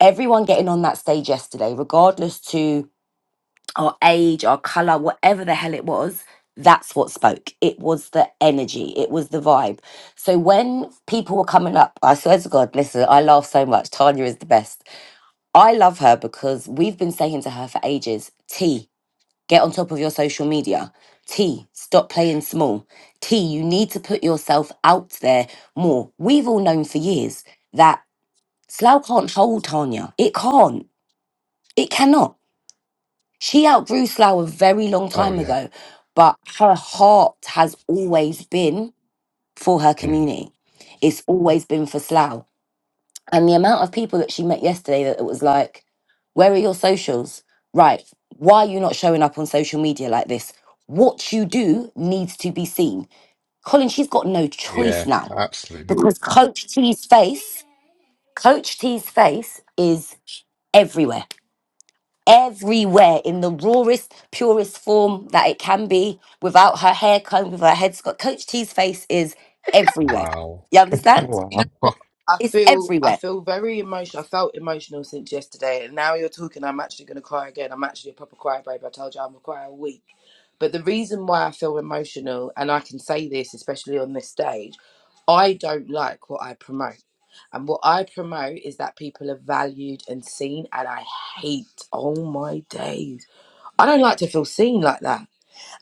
Speaker 4: everyone getting on that stage yesterday regardless to our age our color whatever the hell it was that's what spoke it was the energy it was the vibe so when people were coming up i swear to god listen i laugh so much tanya is the best i love her because we've been saying to her for ages t Get on top of your social media. T, stop playing small. T, you need to put yourself out there more. We've all known for years that Slough can't hold Tanya. It can't. It cannot. She outgrew Slough a very long
Speaker 2: Oh,
Speaker 4: time
Speaker 2: yeah.
Speaker 4: ago, but her heart has always been for her
Speaker 2: Mm.
Speaker 4: community. It's always been for Slough. And the amount of people that she met yesterday that it was like, where are your socials? Right. Why are you not showing up on social media like this? What you do needs to be seen. Colin, she's got no choice
Speaker 2: Yeah,
Speaker 4: now
Speaker 2: absolutely.
Speaker 4: because Coach T's face, Coach T's face is everywhere, everywhere in the rawest, purest form that it can be without her hair comb, with her head scarf. Coach T's face is everywhere.
Speaker 2: Wow.
Speaker 4: You understand?
Speaker 3: You
Speaker 2: Wow.
Speaker 3: know what? I
Speaker 4: It's
Speaker 3: feel I
Speaker 4: everywhere.
Speaker 3: feel very emotional. I felt emotional since yesterday, and now you're talking. I'm actually going to cry again. I'm actually a proper crybaby. I told you I'm a cry all week. But the reason why I feel emotional, and I can say this, especially on this stage, I don't like what I promote. And what I promote is that people are valued and seen, and I hate, oh my days. I don't like to feel seen like that.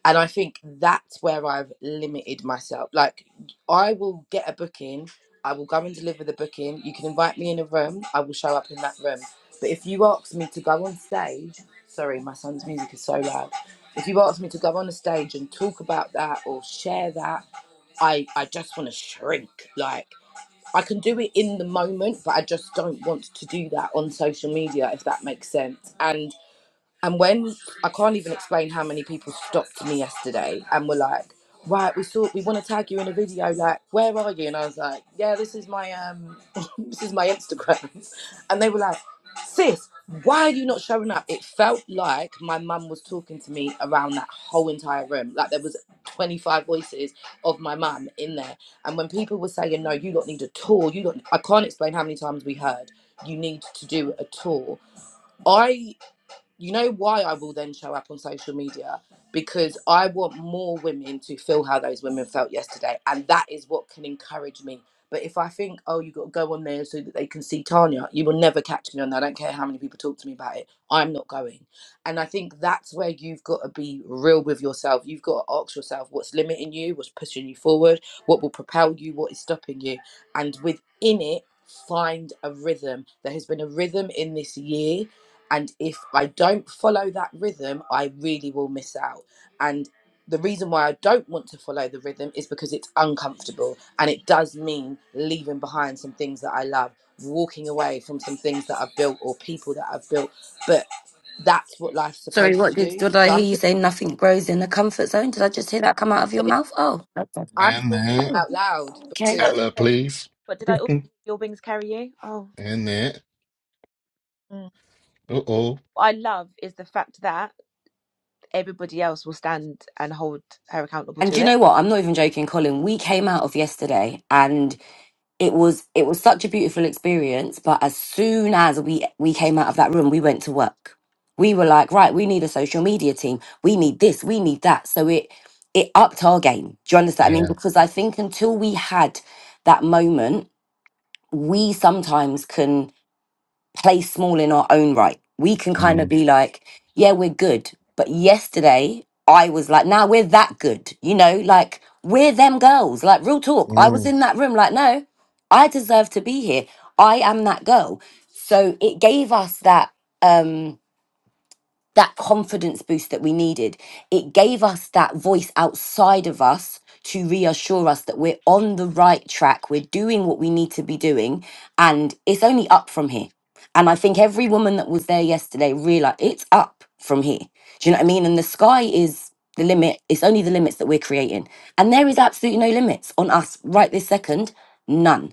Speaker 3: And I think that's where I've limited myself. Like, I will get a booking, I will go and deliver the booking. You can invite me in a room, I will show up in that room. But if you ask me to go on stage, sorry, my son's music is so loud. If you ask me to go on a stage and talk about that or share that, I, I just want to shrink. Like, I can do it in the moment, but I just don't want to do that on social media, if that makes sense. And. And when I can't even explain how many people stopped me yesterday and were like, "Right, we saw we want to tag you in a video. Like, where are you?" And I was like, "Yeah, this is my um, this is my Instagram." And they were like, "Sis, why are you not showing up?" It felt like my mum was talking to me around that whole entire room. Like there was twenty five voices of my mum in there. And when people were saying, "No, you don't need a tour. You don't," I can't explain how many times we heard, "You need to do a tour." I you know why I will then show up on social media because I want more women to feel how those women felt yesterday, and that is what can encourage me. But if I think, oh, you got to go on there so that they can see Tanya, you will never catch me on that. I don't care how many people talk to me about it. I'm not going. And I think that's where you've got to be real with yourself. You've got to ask yourself what's limiting you, what's pushing you forward, what will propel you, what is stopping you. And within it, find a rhythm. There has been a rhythm in this year and if I don't follow that rhythm, I really will miss out. And the reason why I don't want to follow the rhythm is because it's uncomfortable and it does mean leaving behind some things that I love, walking away from some things that I've built or people that I've built. But that's what life's
Speaker 4: Sorry,
Speaker 3: supposed
Speaker 4: what
Speaker 3: to
Speaker 4: did
Speaker 3: do.
Speaker 4: did I
Speaker 3: So
Speaker 4: hear
Speaker 3: I'm
Speaker 4: you say? Nothing grows in the comfort zone. Did I just hear that come out of your
Speaker 3: talking,
Speaker 4: mouth? Oh, okay.
Speaker 3: I'm
Speaker 2: And
Speaker 3: talking
Speaker 2: there.
Speaker 4: Oh,
Speaker 3: out loud
Speaker 1: Did
Speaker 4: okay.
Speaker 1: I?
Speaker 2: Tell
Speaker 3: because
Speaker 1: also-
Speaker 2: please.
Speaker 1: But did I also hear your wings carry you? Oh,
Speaker 2: And there.
Speaker 1: mm.
Speaker 2: Uh-oh.
Speaker 1: what I love is the fact that everybody else will stand and hold her accountable
Speaker 4: And do
Speaker 1: to
Speaker 4: you
Speaker 1: it.
Speaker 4: know what? I'm not even joking, Colin. We came out of yesterday, and it was it was such a beautiful experience. But as soon as we we came out of that room, we went to work. We were like, right, we need a social media team. We need this. We need that. So it it upped our game. Do you understand? what I mean,
Speaker 2: Yeah.
Speaker 4: because I think until we had that moment, we sometimes can. play small in our own right. We can kind of
Speaker 2: Mm.
Speaker 4: be like, yeah, we're good. But yesterday, I was like, now nah, we're that good. You know, like we're them girls. Like, real talk. I was
Speaker 2: Mm.
Speaker 4: in that room, like, no, I deserve to be here. I am that girl. So it gave us that. um that confidence boost that we needed. It gave us that voice outside of us to reassure us that we're on the right track, we're doing what we need to be doing, and it's only up from here. And I think every woman that was there yesterday realized it's up from here. Do you know what I mean? And the sky is the limit, it's only the limits that we're creating. And there is absolutely no limits on us right this second, none.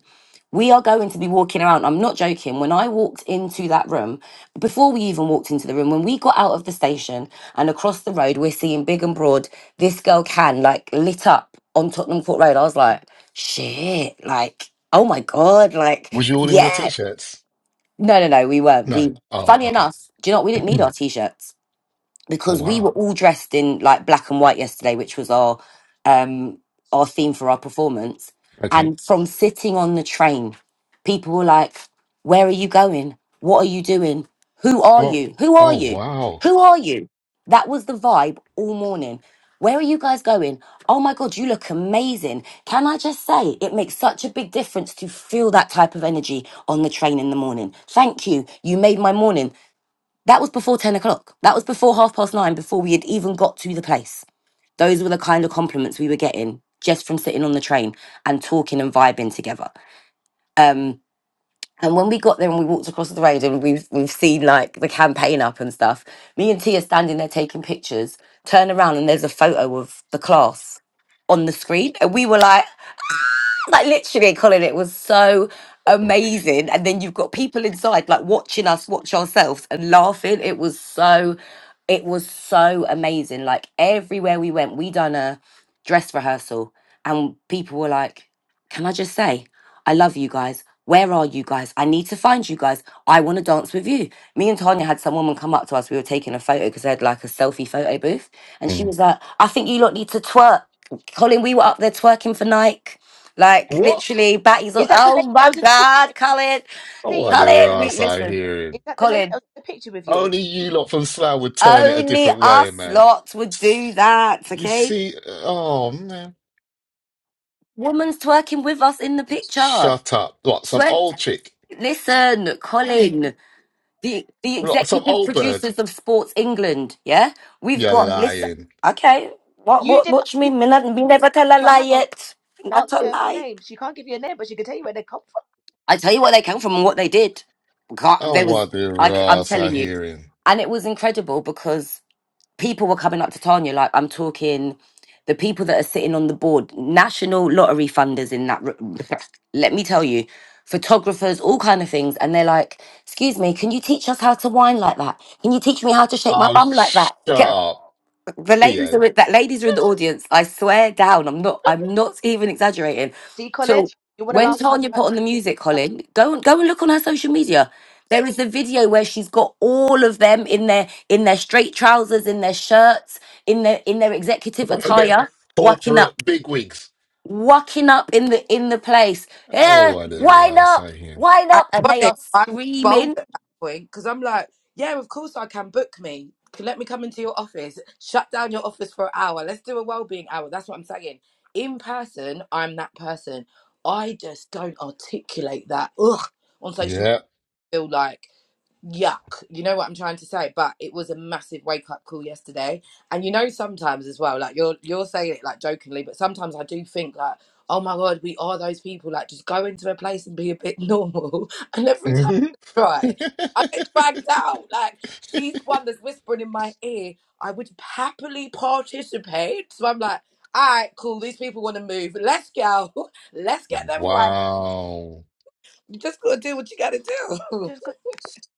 Speaker 4: We are going to be walking around. I'm not joking. When I walked into that room, before we even walked into the room, when we got out of the station and across the road, we're seeing big and broad. This girl can like lit up on Tottenham Court Road. I was like, shit, like, oh my God,
Speaker 2: Was
Speaker 4: like,
Speaker 2: you all in your
Speaker 4: yeah.
Speaker 2: t-shirts?
Speaker 4: No, no, no, we weren't.
Speaker 2: No.
Speaker 4: We,
Speaker 2: Oh,
Speaker 4: funny
Speaker 2: okay.
Speaker 4: enough, do you know what? We didn't need our t shirts
Speaker 2: oh,
Speaker 4: because we were
Speaker 2: wow.
Speaker 4: all dressed in like black and white yesterday, which was our um our theme for our performance.
Speaker 2: Okay.
Speaker 4: And from sitting on the train, people were like, Where are you going? What are you doing? Who are
Speaker 2: Oh,
Speaker 4: you? Who are
Speaker 2: oh,
Speaker 4: you?
Speaker 2: wow.
Speaker 4: Who are you? That was the vibe all morning. Where are you guys going? Oh my God, you look amazing. Can I just say, it makes such a big difference to feel that type of energy on the train in the morning. Thank you. You made my morning. That was before 10 o'clock. That was before half past nine, before we had even got to the place. Those were the kind of compliments we were getting just from sitting on the train and talking and vibing together. Um, and when we got there and we walked across the road and we've, we've seen like the campaign up and stuff, me and Tia standing there taking pictures, turn around and there's a photo of the class on the screen. And we were like, like literally colin it was so amazing and then you've got people inside like watching us watch ourselves and laughing it was so it was so amazing like everywhere we went we done a dress rehearsal and people were like can i just say i love you guys where are you guys? I need to find you guys. I want to dance with you. Me and Tanya had some woman come up to us. We were taking a photo because they had like a selfie photo booth. And she
Speaker 2: Mm.
Speaker 4: was like, I think you lot need to twerk. Colin, we were up there twerking for Nike. Like
Speaker 2: What?
Speaker 4: literally, Batty's all,
Speaker 1: Is that the
Speaker 4: oh
Speaker 1: lady that
Speaker 4: my
Speaker 1: was in the picture?
Speaker 4: god, Colin,
Speaker 2: Oh,
Speaker 1: See, is
Speaker 2: what
Speaker 1: that
Speaker 2: your
Speaker 1: the lady
Speaker 4: Colin, we
Speaker 1: that,
Speaker 2: ass I
Speaker 4: listen,
Speaker 2: hear it.
Speaker 1: is that the lady that
Speaker 4: Colin.
Speaker 1: was in the picture with you?
Speaker 2: Only you lot from Slough would turn it a
Speaker 4: Only
Speaker 2: different way,
Speaker 4: us
Speaker 2: man.
Speaker 4: lot would do that,
Speaker 2: You
Speaker 4: okay?
Speaker 2: see, oh, man.
Speaker 4: Woman's twerking with us in the picture.
Speaker 2: Shut up. What, some
Speaker 4: Swear,
Speaker 2: old chick?
Speaker 4: listen, Colin, the the
Speaker 2: What, some
Speaker 4: executive
Speaker 2: old bird?
Speaker 4: producers of Sports England, yeah, we've
Speaker 2: You're
Speaker 4: got Mm. listen.
Speaker 2: lying.
Speaker 4: Okay, what
Speaker 1: You
Speaker 4: what
Speaker 1: did,
Speaker 4: what do you
Speaker 1: you
Speaker 4: mean? Me, not- me never tell a
Speaker 1: but
Speaker 4: lie
Speaker 1: hang on,
Speaker 4: yet. Not
Speaker 1: ask
Speaker 4: a
Speaker 1: her for
Speaker 4: lie.
Speaker 1: names. She can't give you a name, but she can tell you where they come
Speaker 4: I tell you where they came from and what they did. God,
Speaker 2: Oh,
Speaker 4: There was,
Speaker 2: what the
Speaker 4: I, am
Speaker 2: ass I
Speaker 4: telling you,
Speaker 2: hearing.
Speaker 4: and it was incredible because people were coming up to Tanya. Like I'm talking, the people that are sitting on the board, national lottery funders in that. room. Let me tell you, photographers, all kind of things, and they're like, "Excuse me, can you teach us how to whine like that? Can you teach me how to shake my
Speaker 2: Oh,
Speaker 4: bum like
Speaker 2: shut
Speaker 4: that?"
Speaker 2: up.
Speaker 4: The ladies are
Speaker 2: Behave.
Speaker 4: in- that ladies are in the audience. I swear down, I'm not. I'm not even exaggerating.
Speaker 1: See, Colin,
Speaker 4: So
Speaker 1: you want to
Speaker 4: when
Speaker 1: laugh at us
Speaker 4: Tanya
Speaker 1: about
Speaker 4: put on the
Speaker 1: taking
Speaker 4: music,
Speaker 1: our bum?
Speaker 4: Colin, go and go and look on her social media. There is a video where she's got all of them in their in their straight trousers, in their shirts, in their in their executive
Speaker 2: One of them
Speaker 4: attire, walking up,
Speaker 2: corporate bigwigs.
Speaker 4: walking up in the in the place.
Speaker 2: Oh,
Speaker 4: Yeah,
Speaker 2: what the
Speaker 4: wind
Speaker 2: ass
Speaker 4: up,
Speaker 2: I hear.
Speaker 4: wind
Speaker 3: I
Speaker 4: up, and
Speaker 3: got
Speaker 4: they are
Speaker 3: I was bold
Speaker 4: screaming.
Speaker 3: at that point because I'm like, yeah, of course I can book me. Can let me come into your office. Shut down your office for an hour. Let's do a well-being hour. That's what I'm saying. In person, I'm that person. I just don't articulate that. Ugh, on social
Speaker 2: Yeah.
Speaker 3: media, I feel like yuck. You know what I'm trying to say? But it was a massive wake up call yesterday. And you know, sometimes as well, like you're you're saying it like jokingly, but sometimes I do think like, oh my god, we are those people. Like just go into a place and be a bit normal. And every time I try, I get dragged out. Like she's the one that's whispering in my ear. I would happily participate. So I'm like. All right, cool. These people want to move. Let's go. Let's get them wine.
Speaker 2: Wow.
Speaker 3: You just gotta do what you gotta do.
Speaker 1: Just go.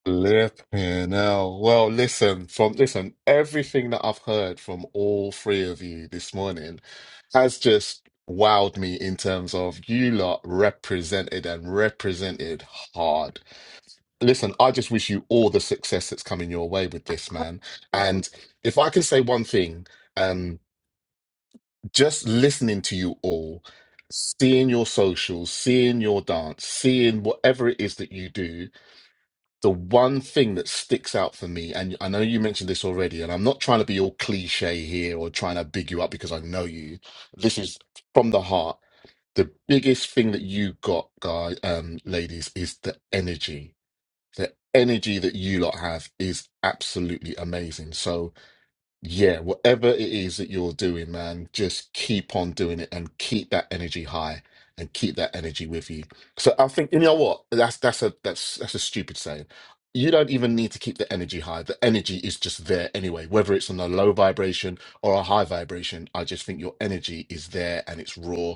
Speaker 2: Flipping hell. Well, listen, from listen, everything that I've heard from all three of you this morning has just wowed me in terms of you lot represented and represented hard. Listen, I just wish you all the success that's coming your way with
Speaker 1: And
Speaker 2: this,
Speaker 1: Colin,
Speaker 2: man.
Speaker 1: before,
Speaker 2: And if I can say one thing, um, just listening to you all, seeing your socials, seeing your dance, seeing whatever it is that you do, the one thing that sticks out for me, and I know you mentioned this already, and I'm not trying to be all cliche here or trying to big you up because I know you. This is from the heart. The biggest thing that you got, guy, um, ladies, is the energy. The energy that you lot have is absolutely amazing. So, yeah, whatever it is that you're doing, man, just keep on doing it and keep that energy high and keep that energy with you. So I think you know what? That's that's a that's that's a stupid saying. You don't even need to keep the energy high. The energy is just there anyway, whether it's on a low vibration or a high vibration. I just think your energy is there and it's raw.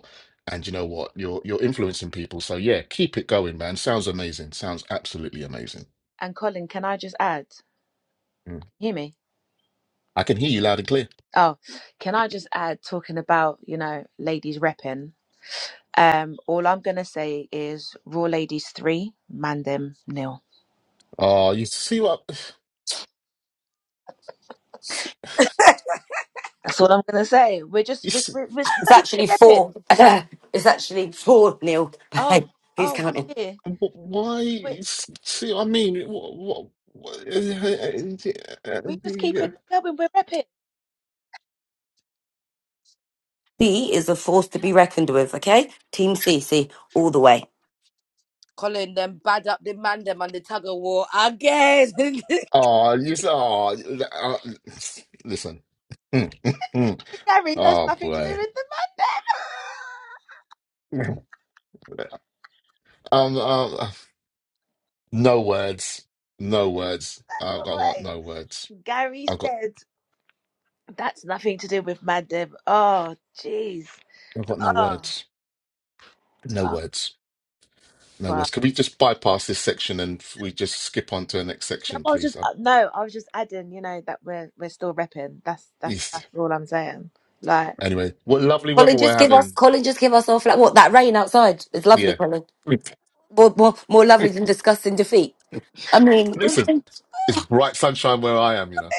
Speaker 2: And you know what? You're you're influencing people. So yeah, keep it going, man. Sounds amazing. Sounds absolutely amazing.
Speaker 1: and Colin, can I just add?
Speaker 2: Mm.
Speaker 1: Hear me?
Speaker 2: I can hear you loud and clear.
Speaker 1: Oh, can I just add? Talking about you know ladies repping. Um, all I'm gonna say is Raw Ladies three, man them nil.
Speaker 2: Oh, you see what?
Speaker 1: That's what I'm gonna say. We're just we're,
Speaker 2: It's-
Speaker 1: we're, we're s- we're
Speaker 4: It's
Speaker 1: keeping it
Speaker 4: actually
Speaker 1: repping.
Speaker 4: four. it's actually four nil.
Speaker 1: Oh,
Speaker 4: Who's
Speaker 1: oh
Speaker 4: counting?
Speaker 1: dear.
Speaker 2: Wh-
Speaker 1: We
Speaker 2: Why? See, I mean, what, what, what, oh,
Speaker 1: we just keeping it going. We're repping.
Speaker 4: C is a force to be reckoned with, okay? Team CC all the way.
Speaker 3: Colin them bad up the man them and the tug of war again. do
Speaker 2: you said, oh, uh, listen. Mm, mm, mm.
Speaker 1: Gary, that's
Speaker 2: Oh
Speaker 1: nothing to do
Speaker 2: boy.
Speaker 1: with the Mad Deb.
Speaker 2: Um, um, no words. No words. I've got, I've got no
Speaker 1: Wait.
Speaker 2: words.
Speaker 1: Gary
Speaker 2: I've got,
Speaker 1: said that's nothing to do with Mad Deb. Oh, jeez.
Speaker 2: I've got no
Speaker 1: Oh,
Speaker 2: words. No
Speaker 1: oh,
Speaker 2: words. No
Speaker 1: but
Speaker 2: words. Can we just bypass this section and f- we just skip on to the next
Speaker 1: no,
Speaker 2: section,
Speaker 1: I was
Speaker 2: please?
Speaker 1: just
Speaker 2: I,
Speaker 1: uh, no, I was just adding. You know that we're we're still repping. That's that's that's
Speaker 2: east.
Speaker 1: all I'm saying. Like
Speaker 2: anyway, what lovely weather
Speaker 4: Colin,
Speaker 2: we're
Speaker 4: just give us
Speaker 2: having.
Speaker 4: Colin, just give us our flat. What that rain outside is lovely,
Speaker 2: Yeah.
Speaker 4: Colin. More, more, more lovely than disgusting defeat. I mean,
Speaker 2: Listen. It's bright sunshine where I am, you know.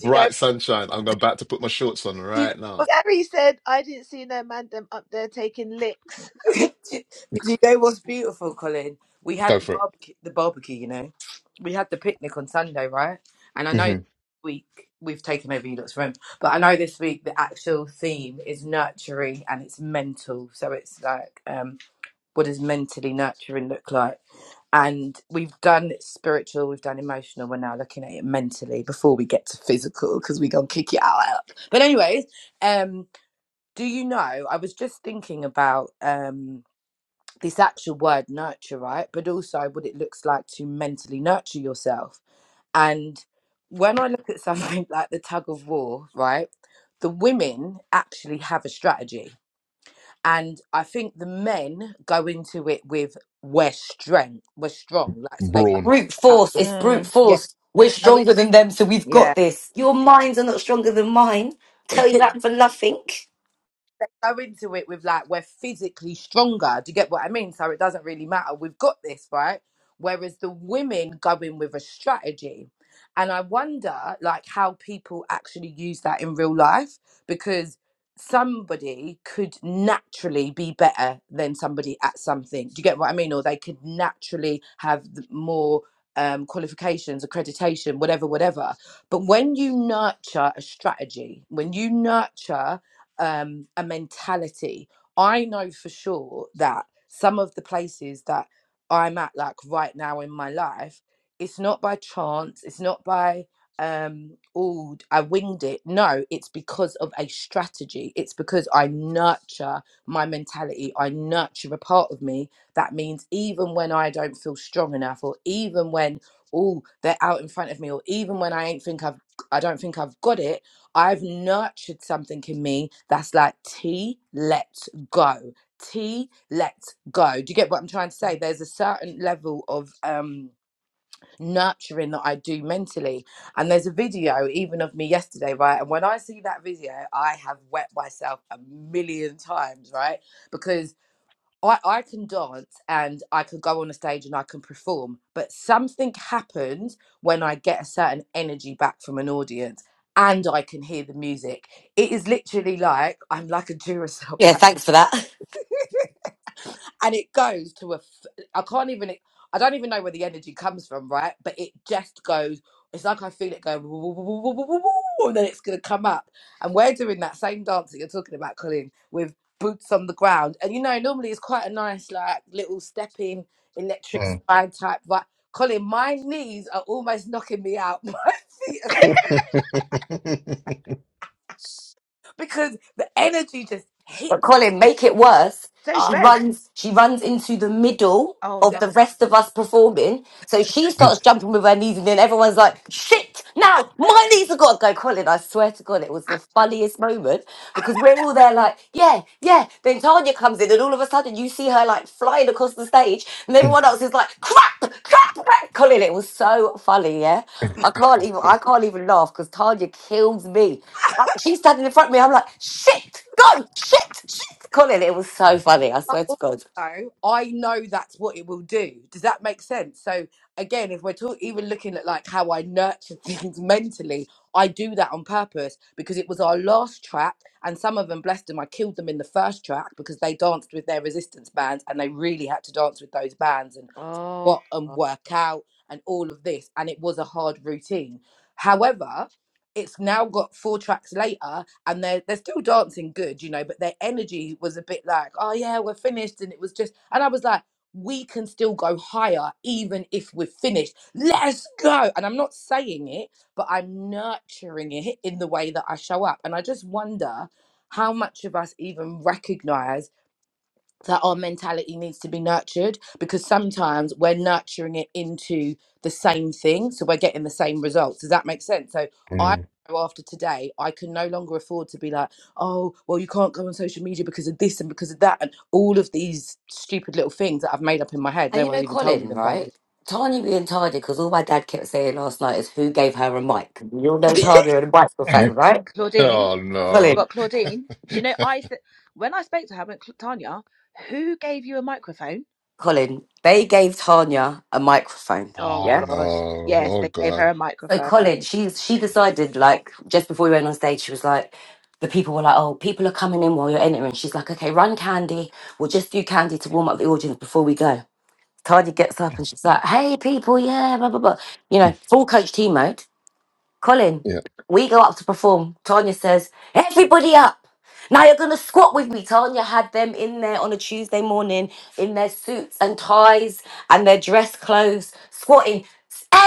Speaker 3: you know?
Speaker 2: sunshine. I'm about to put my shorts on
Speaker 3: Do you,
Speaker 2: right now.
Speaker 1: Gary said, I didn't see no man them up there taking licks.
Speaker 3: know, do you know what's beautiful, Colin? We had
Speaker 2: Go
Speaker 3: the
Speaker 2: for it.
Speaker 3: barbecue, the barbecue. You know, we had the picnic on Sunday, right? And I know
Speaker 2: hmm
Speaker 3: this week we've taken over you lot's room, but I know this week the actual theme is nurturing and it's mental. So it's like um what does mentally nurturing look like? And we've done spiritual, we've done emotional, we're now looking at it mentally before we get to physical because we're going to kick it out. out. But, anyways, um, do you know? I was just thinking about um, this actual word nurture, right? But also what it looks like to mentally nurture yourself. And when I look at something like the tug of war, right? The women actually have a strategy and I think the men go into it with we're strength, we're strong. Like so, they go
Speaker 2: Brawn.
Speaker 4: brute
Speaker 3: about
Speaker 4: force. It's brute
Speaker 1: Mm,
Speaker 3: yeah,
Speaker 4: force. We're
Speaker 3: go
Speaker 4: stronger than them, so we've got
Speaker 1: yeah.
Speaker 4: this. Your minds are not stronger than mine.
Speaker 3: in-
Speaker 4: Tell you that for nothing.
Speaker 3: go into it with like we're physically stronger. Do you get what I mean? So it doesn't really matter. We've got this, right? Whereas the women go in with a strategy. And I wonder like how people actually use that in real life because somebody could naturally be better than somebody at something. Do you get what I mean? Or they could naturally have th- more um, qualifications, accreditation, whatever, whatever. But when you nurture a strategy, when you nurture um, a mentality. I know for sure that some of the places that I'm at, like right now in my life, it's not by chance, it's not by, um, oh, I winged it. No, it's because of a strategy. It's because I nurture my mentality, I nurture a part of me. That means even when I don't feel strong enough, or even when, oh, they're out in front of me, or even when I ain't think I've I don't think I've got it, I've nurtured something in me that's like T, let's go. T, let's go. Do you get what I'm trying to say? There's a certain level of um nurturing that I do mentally. And there's a video even of me yesterday, right? And when I see that video, I have wet myself a million times, right? Because. I, I can dance and I could go on a stage and I can perform, but something happens when I get a certain energy back from an audience and I can hear the music. It is literally like I'm like a Duracell
Speaker 4: Yeah, thanks for that.
Speaker 3: and it goes to a f- i can't even i don't even know where the energy comes from right but it just goes it's like i feel it going "Woo, woo, woo, woo, woo, woo, woo," and then it's going to come up and we're doing that same dance that you're talking about colin with boots on the ground and you know normally it's quite a nice like little stepping electric
Speaker 2: Mm.
Speaker 3: slide type but colin my knees are almost knocking me out my feet are, because the energy just
Speaker 4: But
Speaker 3: hits
Speaker 4: Colin, make it worse.
Speaker 1: Those
Speaker 4: She
Speaker 3: Ah.
Speaker 1: beds.
Speaker 4: runs. She runs into the middle
Speaker 1: Oh
Speaker 4: of
Speaker 1: no.
Speaker 4: the rest of us performing. So she starts jumping with her knees, and then everyone's like, shit, now my knees have got to go Colin. I swear to God, it was the funniest moment because we're all there like, yeah, yeah. Then Tanya comes in, and all of a sudden you see her like flying across the stage, and everyone else is like, crap, crap, crap, Colin. It was so funny, yeah. I can't even, I can't even laugh because Tanya kills me. I- She's standing in front of me. I'm like, shit, go, shit, shit, Colin. It was so funny. I swear to
Speaker 3: but
Speaker 4: God.
Speaker 3: also I know that's what it will do. Does that make sense? So again, if we're talk- even looking at like how I nurture things mentally, I do that on purpose because it was our last track, and some of them, bless them, I killed them in the first track because they danced with their resistance bands and they really had to dance with those bands. and
Speaker 1: Oh
Speaker 3: what and
Speaker 1: God.
Speaker 3: work out and all of this and it was a hard routine however it's now got four tracks later and they're, they're still dancing good you know but their energy was a bit like oh yeah we're finished and it was just and i was like we can still go higher even if we're finished let's go and i'm not saying it but i'm nurturing it in the way that i show up and i just wonder how much of us even recognize that our mentality needs to be nurtured because sometimes we're nurturing it into the same thing so we're getting the same results does that make sense so i know after today i can no longer afford to be like oh well you can't go on social media because of this and because of that and all of these stupid little things that i've made up in my head
Speaker 4: And
Speaker 3: no
Speaker 4: you know,
Speaker 3: one's even told me
Speaker 4: Colin,
Speaker 3: them by the
Speaker 4: right? Tanya being tardy because all my dad kept saying last night is who gave her a mic. You all
Speaker 3: way
Speaker 4: know Tanya had a microphone, right?
Speaker 1: Claudine.
Speaker 2: oh no.
Speaker 4: Colin,
Speaker 1: But Claudine, do you know I th- when I spoke to her, I went, "Cl- Tanya, who gave you a microphone?
Speaker 4: Colin, they gave Tanya a microphone.
Speaker 1: Oh
Speaker 2: Oh
Speaker 4: Yeah.
Speaker 2: no.
Speaker 1: gosh. Yes,
Speaker 2: Oh
Speaker 1: they gave her
Speaker 2: God.
Speaker 1: a
Speaker 4: So
Speaker 1: microphone.
Speaker 4: Colin, she's she decided like just before we went on stage, she was like, the people were like, oh, people are coming in while you're entering. She's like, okay, run candy. We'll just do candy to warm up the audience before we go. Tanya gets up and she's like, hey people, yeah, blah blah blah. You know, full coach team mode. Colin,
Speaker 2: Yeah.
Speaker 4: we go up to perform. Tanya says, Everybody up. Now you're going to squat with me. Tanya had them in there on a Tuesday morning in their suits and ties and their dress clothes, squatting.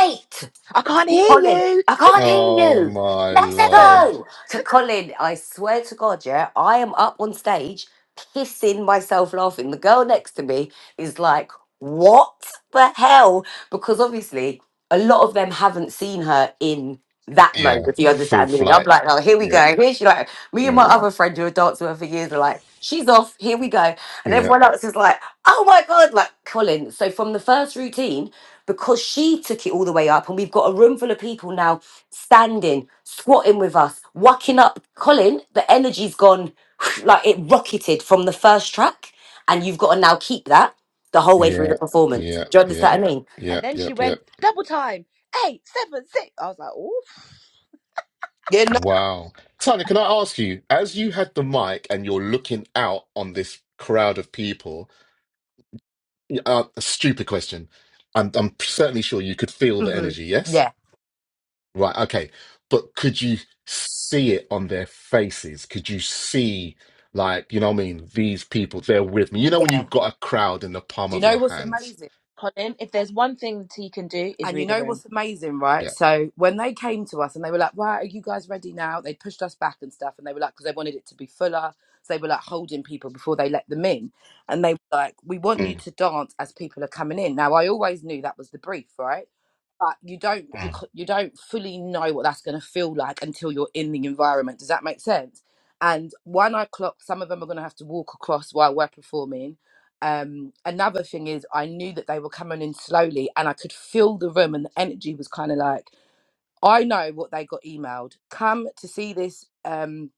Speaker 4: Eight.
Speaker 1: I can't
Speaker 4: Colin,
Speaker 1: hear you.
Speaker 4: I can't hear
Speaker 2: Oh
Speaker 4: you.
Speaker 2: my
Speaker 4: Let's
Speaker 1: Seven.
Speaker 2: Lord.
Speaker 4: go. To Colin, I swear to God, yeah, I am up on stage pissing myself laughing. The girl next to me is like, what the hell? Because obviously, a lot of them haven't seen her in that mode,
Speaker 2: Yeah.
Speaker 4: if you
Speaker 2: Full
Speaker 4: understand me. And I'm
Speaker 2: flight.
Speaker 4: like, oh, here we
Speaker 2: Yeah.
Speaker 4: go. Here she like, me and my
Speaker 2: Yeah.
Speaker 4: other friend who are danced with her for years are like, she's off, here we go. And
Speaker 2: Yeah.
Speaker 4: everyone else is like, oh my God, like Colin. So from the first routine, because she took it all the way up and we've got a room full of people now standing squatting with us whacking up colin the energy's gone like it rocketed from the first track and you've got to now keep that the whole way through the
Speaker 2: Yeah.
Speaker 4: performance
Speaker 2: Yeah.
Speaker 4: do you understand
Speaker 2: Yep.
Speaker 4: what i mean
Speaker 1: And
Speaker 2: Yep.
Speaker 1: then she
Speaker 2: Yep.
Speaker 1: went
Speaker 2: Yep.
Speaker 1: double time, eight, seven, six. I was like, oh,
Speaker 3: yeah no
Speaker 2: Wow. Tanya, can I ask you, as you had the mic and you're looking out on this crowd of people, uh, a stupid question. I'm, I'm certainly sure you could feel the
Speaker 3: mhm,
Speaker 2: energy, yes?
Speaker 3: yeah
Speaker 2: Right, okay. But could you see it on their faces? Could you see, like, you know what I mean? These people, they're with me. You know when
Speaker 3: yeah
Speaker 2: you've got a crowd in the palm
Speaker 3: do you
Speaker 2: of
Speaker 3: know
Speaker 2: your
Speaker 3: what's
Speaker 2: hands?
Speaker 3: amazing
Speaker 1: Colin, if there's one thing he can do is
Speaker 3: And you
Speaker 1: read a
Speaker 3: know
Speaker 1: room.
Speaker 3: what's amazing, right?
Speaker 2: Yeah.
Speaker 3: So when they came to us and they were like, right, are you guys ready now? They pushed us back and stuff. And they were like, because they wanted it to be fuller. So they were like holding people before they let them in. And they were like, we want you
Speaker 2: Mm,
Speaker 3: to dance as people are coming in. Now, I always knew that was the brief, right? but you don't you
Speaker 2: mm,
Speaker 3: c- you don't fully know what that's going to feel like until you're in the environment. Does that make sense? And one o'clock, some of them are going to have to walk across while we're performing. Um, another thing is, I knew that they were coming in slowly, and I could feel the room, and the energy was kind of like, I know what they got emailed. Come to see this. Um,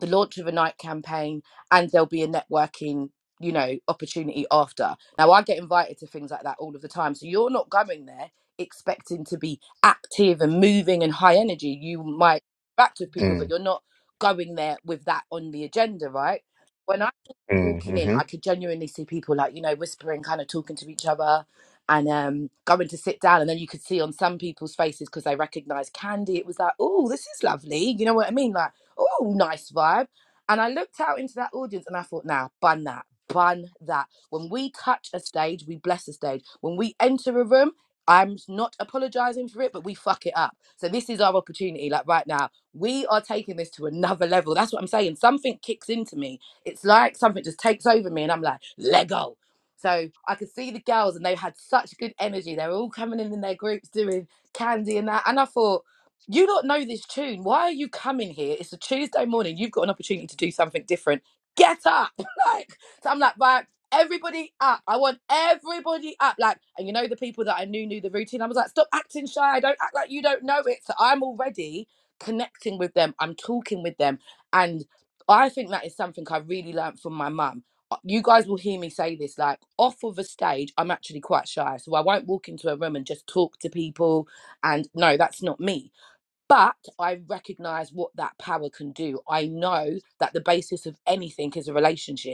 Speaker 3: the launch of a night campaign and there'll be a networking you know opportunity after now i get invited to things like that all of the time so you're not going there expecting to be active and moving and high energy you might interact with people but
Speaker 2: mm,
Speaker 3: you're not going there with that on the agenda right when i'm
Speaker 2: mm,
Speaker 3: walking in
Speaker 2: mm-hmm.
Speaker 3: i could genuinely see people like you know whispering kind of talking to each other and um going to sit down and then you could see on some people's faces because they recognize candy it was like oh this is lovely you know what i mean like oh, nice vibe. And I looked out into that audience and I thought, now, bun that, bun that. When we touch a stage, we bless a stage. When we enter a room, I'm not apologizing for it, but we fuck it up. So this is our opportunity. Like right now, we are taking this to another level. That's what I'm saying. Something kicks into me. It's like something just takes over me, and I'm like, Lego. So I could see the girls, and they had such good energy. They were all coming in in their groups doing candy and that. And I thought, you don't know this tune. Why are you coming here? It's a Tuesday morning. You've got an opportunity to do something different. Get up. like, so I'm like, right, everybody up. I want everybody up. Like, and you know, the people that I knew knew the routine. I was like, stop acting shy. I don't act like you don't know it. So I'm already connecting with them. I'm talking with them. And I think that is something I really learned from my mum. Uh, You guys will hear me say this like off of a stage, I'm actually quite shy. So I won't walk into a room and just talk to people. And no, that's not me but I recognize what that power can do. I know that the basis of anything is a relationship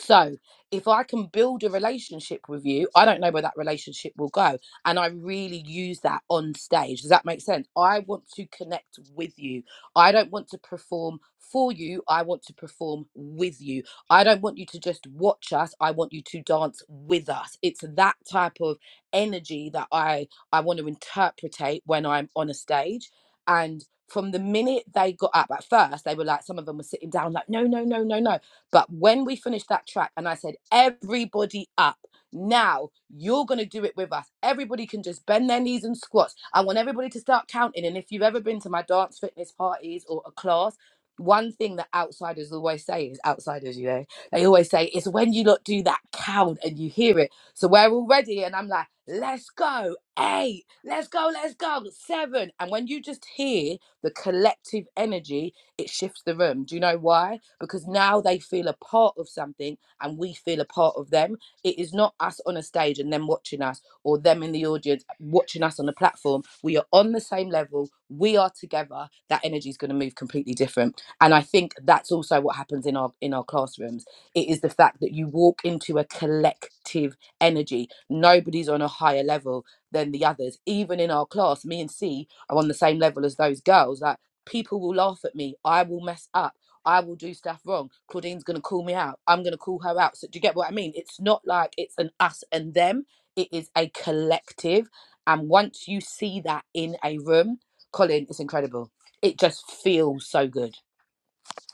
Speaker 3: so if I can build a relationship with you, I don't know where that relationship will go. And I really use that on stage. Does that make sense? I want to connect with you. I don't want to perform for you. I want to perform with you. I don't want you to just watch us. I want you to dance with us. It's that type of energy that I, I want to interpretate when I'm on a stage. And from the minute they got up at first, they were like, some of them were sitting down, like, no, no, no, no, no. But when we finished that track, and I said, everybody up. Now you're going to do it with us. Everybody can just bend their knees and squats. I want everybody to start counting. And if you've ever been to my dance fitness parties or a class, one thing that outsiders always say is outsiders, you know, they always say it's when you lot do that count and you hear it. So we're already, and I'm like, let's go, eight, let's go, let's go, seven. And when you just hear the collective energy, it shifts the room. Do you know why? Because now they feel a part of something and we feel a part of them. It is not us on a stage and them watching us or them in the audience watching us on the platform. We are on the same level. We are together. That energy is going to move completely different. And I think that's also what happens in our in our classrooms. It is the fact that you walk into a collective energy. Nobody's on a higher level than the others. Even in our class, me and C are on the same level as those girls. Like People will laugh at me. I will mess up. I will do stuff wrong. Claudine's going to call me out. I'm going to call her out. So, do you get what I mean? It's not like it's an us and them, it is a collective. And once you see that in a room, Colin, it's incredible. It just feels so good.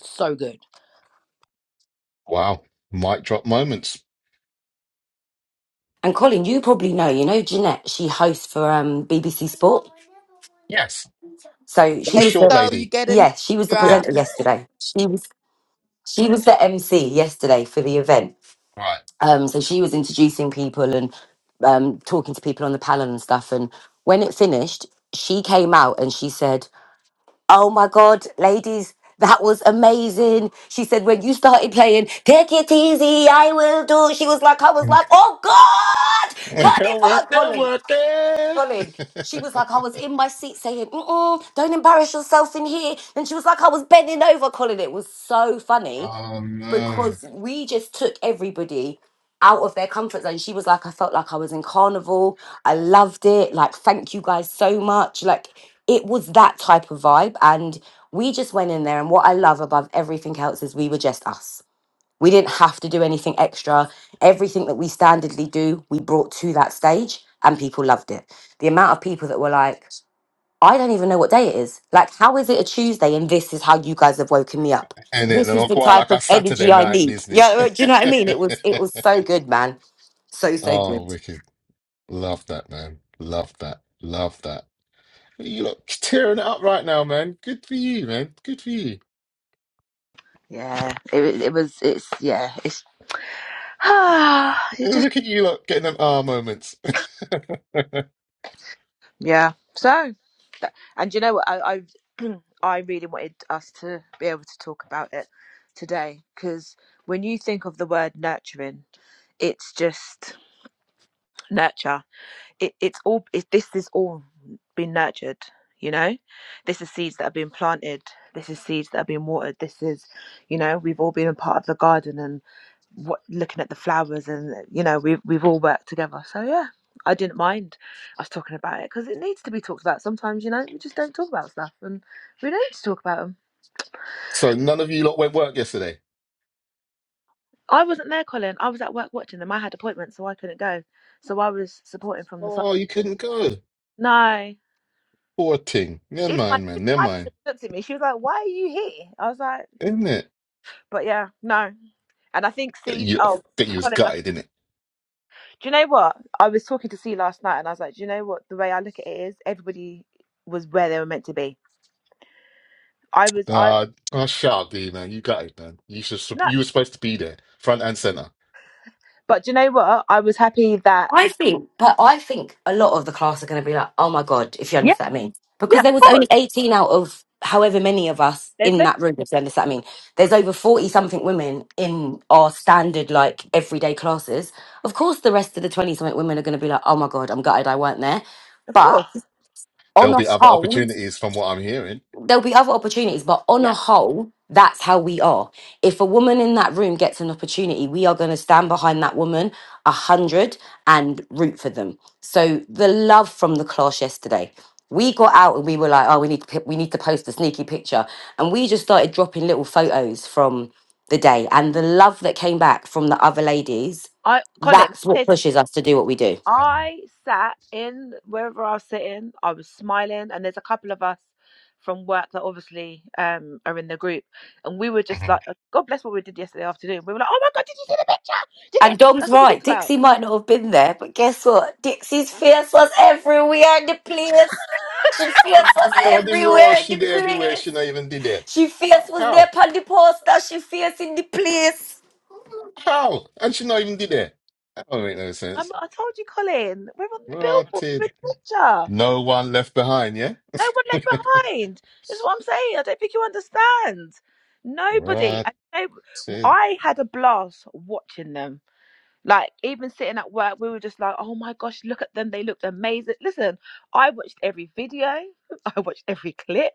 Speaker 3: So good.
Speaker 2: Wow. Mic drop moments.
Speaker 4: and colin you probably know you know jeanette she hosts for um bbc sport
Speaker 2: Yes.
Speaker 4: so she
Speaker 2: Little
Speaker 3: There you
Speaker 4: was
Speaker 2: short
Speaker 4: the
Speaker 3: go. You
Speaker 2: lady.
Speaker 3: get a name
Speaker 4: yeah she was the
Speaker 2: Yeah.
Speaker 3: drop.
Speaker 4: presenter yesterday she was she was the mc yesterday for the event
Speaker 2: Right.
Speaker 4: um, so she was introducing people and um, talking to people on the panel and stuff. And when it finished, she came out and she said, "Oh my God, ladies." That was amazing. She said, when you started playing, take it easy, I will do. She was like, I was like, oh God, turn it
Speaker 2: work
Speaker 4: back,
Speaker 2: it,
Speaker 4: Colin.
Speaker 2: work
Speaker 4: Colin. She was like, I
Speaker 2: it.
Speaker 4: was in my seat saying, Mm-mm, don't embarrass yourself in here. And she was like, I was bending over, Colin. It was so funny
Speaker 2: oh no.
Speaker 4: because we just took everybody out of their comfort zone. She was like, I felt like I was in carnival. I loved it. Like, thank you guys so much. Like, it was that type of vibe. And we just went in there. And what I love above everything else is we were just us. We didn't have to do anything extra. Everything that we standardly do, we brought to that stage, and people loved it. The amount of people that were like, I don't even know what day it is. Like, how is it a Tuesday and this is how you guys have woken me up?
Speaker 2: And it
Speaker 4: This is
Speaker 2: I'll
Speaker 4: the
Speaker 2: go out
Speaker 4: type
Speaker 2: like a
Speaker 4: of
Speaker 2: Saturday
Speaker 4: energy I
Speaker 2: night
Speaker 4: need. Yeah,
Speaker 2: business.
Speaker 4: uh, do you know what I mean? It was it was so good, man. So so
Speaker 2: oh,
Speaker 4: good.
Speaker 2: wicked. Love that, man. Love that. Love that. You look tearing it up right now, man. Good for you, man. Good for you.
Speaker 1: Yeah, it, it was. It's yeah. It's ah. It just.
Speaker 2: Look at you lot getting them R moments.
Speaker 1: Yeah. So, that, and you know what? I, I, I really wanted us to be able to talk about it today because when you think of the word nurturing, it's just nurture. It, it's all. It, this is all been nurtured. You know, this is seeds that have been planted. This is seeds that have been watered. This is, you know, we've all been a part of the garden what looking at the flowers and you know we've we've all worked together so yeah i didn't mind us talking about it because it needs to be talked about sometimes you know we just don't talk about stuff and we don't need to talk about them
Speaker 2: so none of you lot went work yesterday.
Speaker 1: i wasn't there colin i was at work watching them i had appointments so i couldn't go so i was supporting from the side
Speaker 2: Oh, you couldn't go.
Speaker 1: no
Speaker 2: Poor thing. Never
Speaker 1: even my,
Speaker 2: mind, man.
Speaker 1: even
Speaker 2: Never
Speaker 1: my
Speaker 2: mind.
Speaker 1: manager looked at me she was like why are you here i was like "Mm."
Speaker 2: Isn't it?
Speaker 1: but yeah no and i think c's
Speaker 2: You,
Speaker 1: oh
Speaker 2: you was
Speaker 1: colin I
Speaker 2: gutted,
Speaker 1: Do you know what? I was talking to C last night and I was like, do you know what? The way I look at it is everybody was where they were meant to be. I was, I,
Speaker 2: Uh, oh, shut up, D man. You got it, man. You should.
Speaker 1: no,
Speaker 2: You were supposed to be there, front and center.
Speaker 1: but do you know what? I was happy that,
Speaker 4: I think, but I think a lot of the class are going to be like, oh my god, if you
Speaker 1: yeah,
Speaker 4: understand what I mean, because
Speaker 1: yeah,
Speaker 4: there was
Speaker 1: of
Speaker 4: only
Speaker 1: course.
Speaker 4: eighteen out of however many of us
Speaker 1: There's
Speaker 4: in
Speaker 1: loads
Speaker 4: that room.
Speaker 1: of
Speaker 4: If you understand what I mean, there's over forty something women in our standard like everyday classes. Of course, the rest of the twenty something women are going to be like, oh my god, I'm gutted I weren't there,
Speaker 1: of
Speaker 4: but
Speaker 1: course.
Speaker 2: There'll
Speaker 4: on a
Speaker 2: be other
Speaker 4: whole,
Speaker 2: opportunities, from what I'm hearing.
Speaker 4: there'll be other opportunities, but on
Speaker 1: Yeah.
Speaker 4: a whole, that's how we are. If a woman in that room gets an opportunity, we are going to stand behind that woman a hundred and root for them. So the love from the class yesterday, we got out and we were like, oh, we need to, pi- we need to post a sneaky picture, and we just started dropping little photos from the day, and the love that came back from the other ladies,
Speaker 1: I, Colin, let me
Speaker 4: that's
Speaker 1: tell
Speaker 4: what
Speaker 1: something.
Speaker 4: pushes us to do what we do.
Speaker 2: Mm,
Speaker 1: I sat in wherever I was sitting, I was smiling, and there's a couple of us from work that obviously um are in the group and we were just like
Speaker 2: mhm.
Speaker 1: uh, God bless what we did yesterday afternoon. We were like, Oh my god, did you see the picture? Did it
Speaker 4: And Dom's
Speaker 1: that's what we talked
Speaker 4: right.
Speaker 1: about
Speaker 4: Dixie might not have been there, but guess what? Dixie's fierce was everywhere in the place. She fierce was
Speaker 2: How did Raw?
Speaker 4: everywhere in
Speaker 2: She
Speaker 4: the
Speaker 2: there everywhere.
Speaker 4: place.
Speaker 2: She not even did that.
Speaker 4: She fierce was there
Speaker 2: How?
Speaker 4: upon the poster. She fierce in the place.
Speaker 2: How? And she not even did that. That don't make no
Speaker 1: I'm,
Speaker 2: sense.
Speaker 1: I told you, Colin, we're on the billboard
Speaker 2: Rotted.
Speaker 1: with picture.
Speaker 2: No one left behind. Yeah.
Speaker 1: No one left behind. That's what I'm saying. I don't think you understand. Nobody.
Speaker 2: Rotted.
Speaker 1: I, know- I had a blast watching them. Like, even sitting at work, we were just like, oh my gosh, look at them. They looked amazing. Listen, I watched every video, I watched every clip,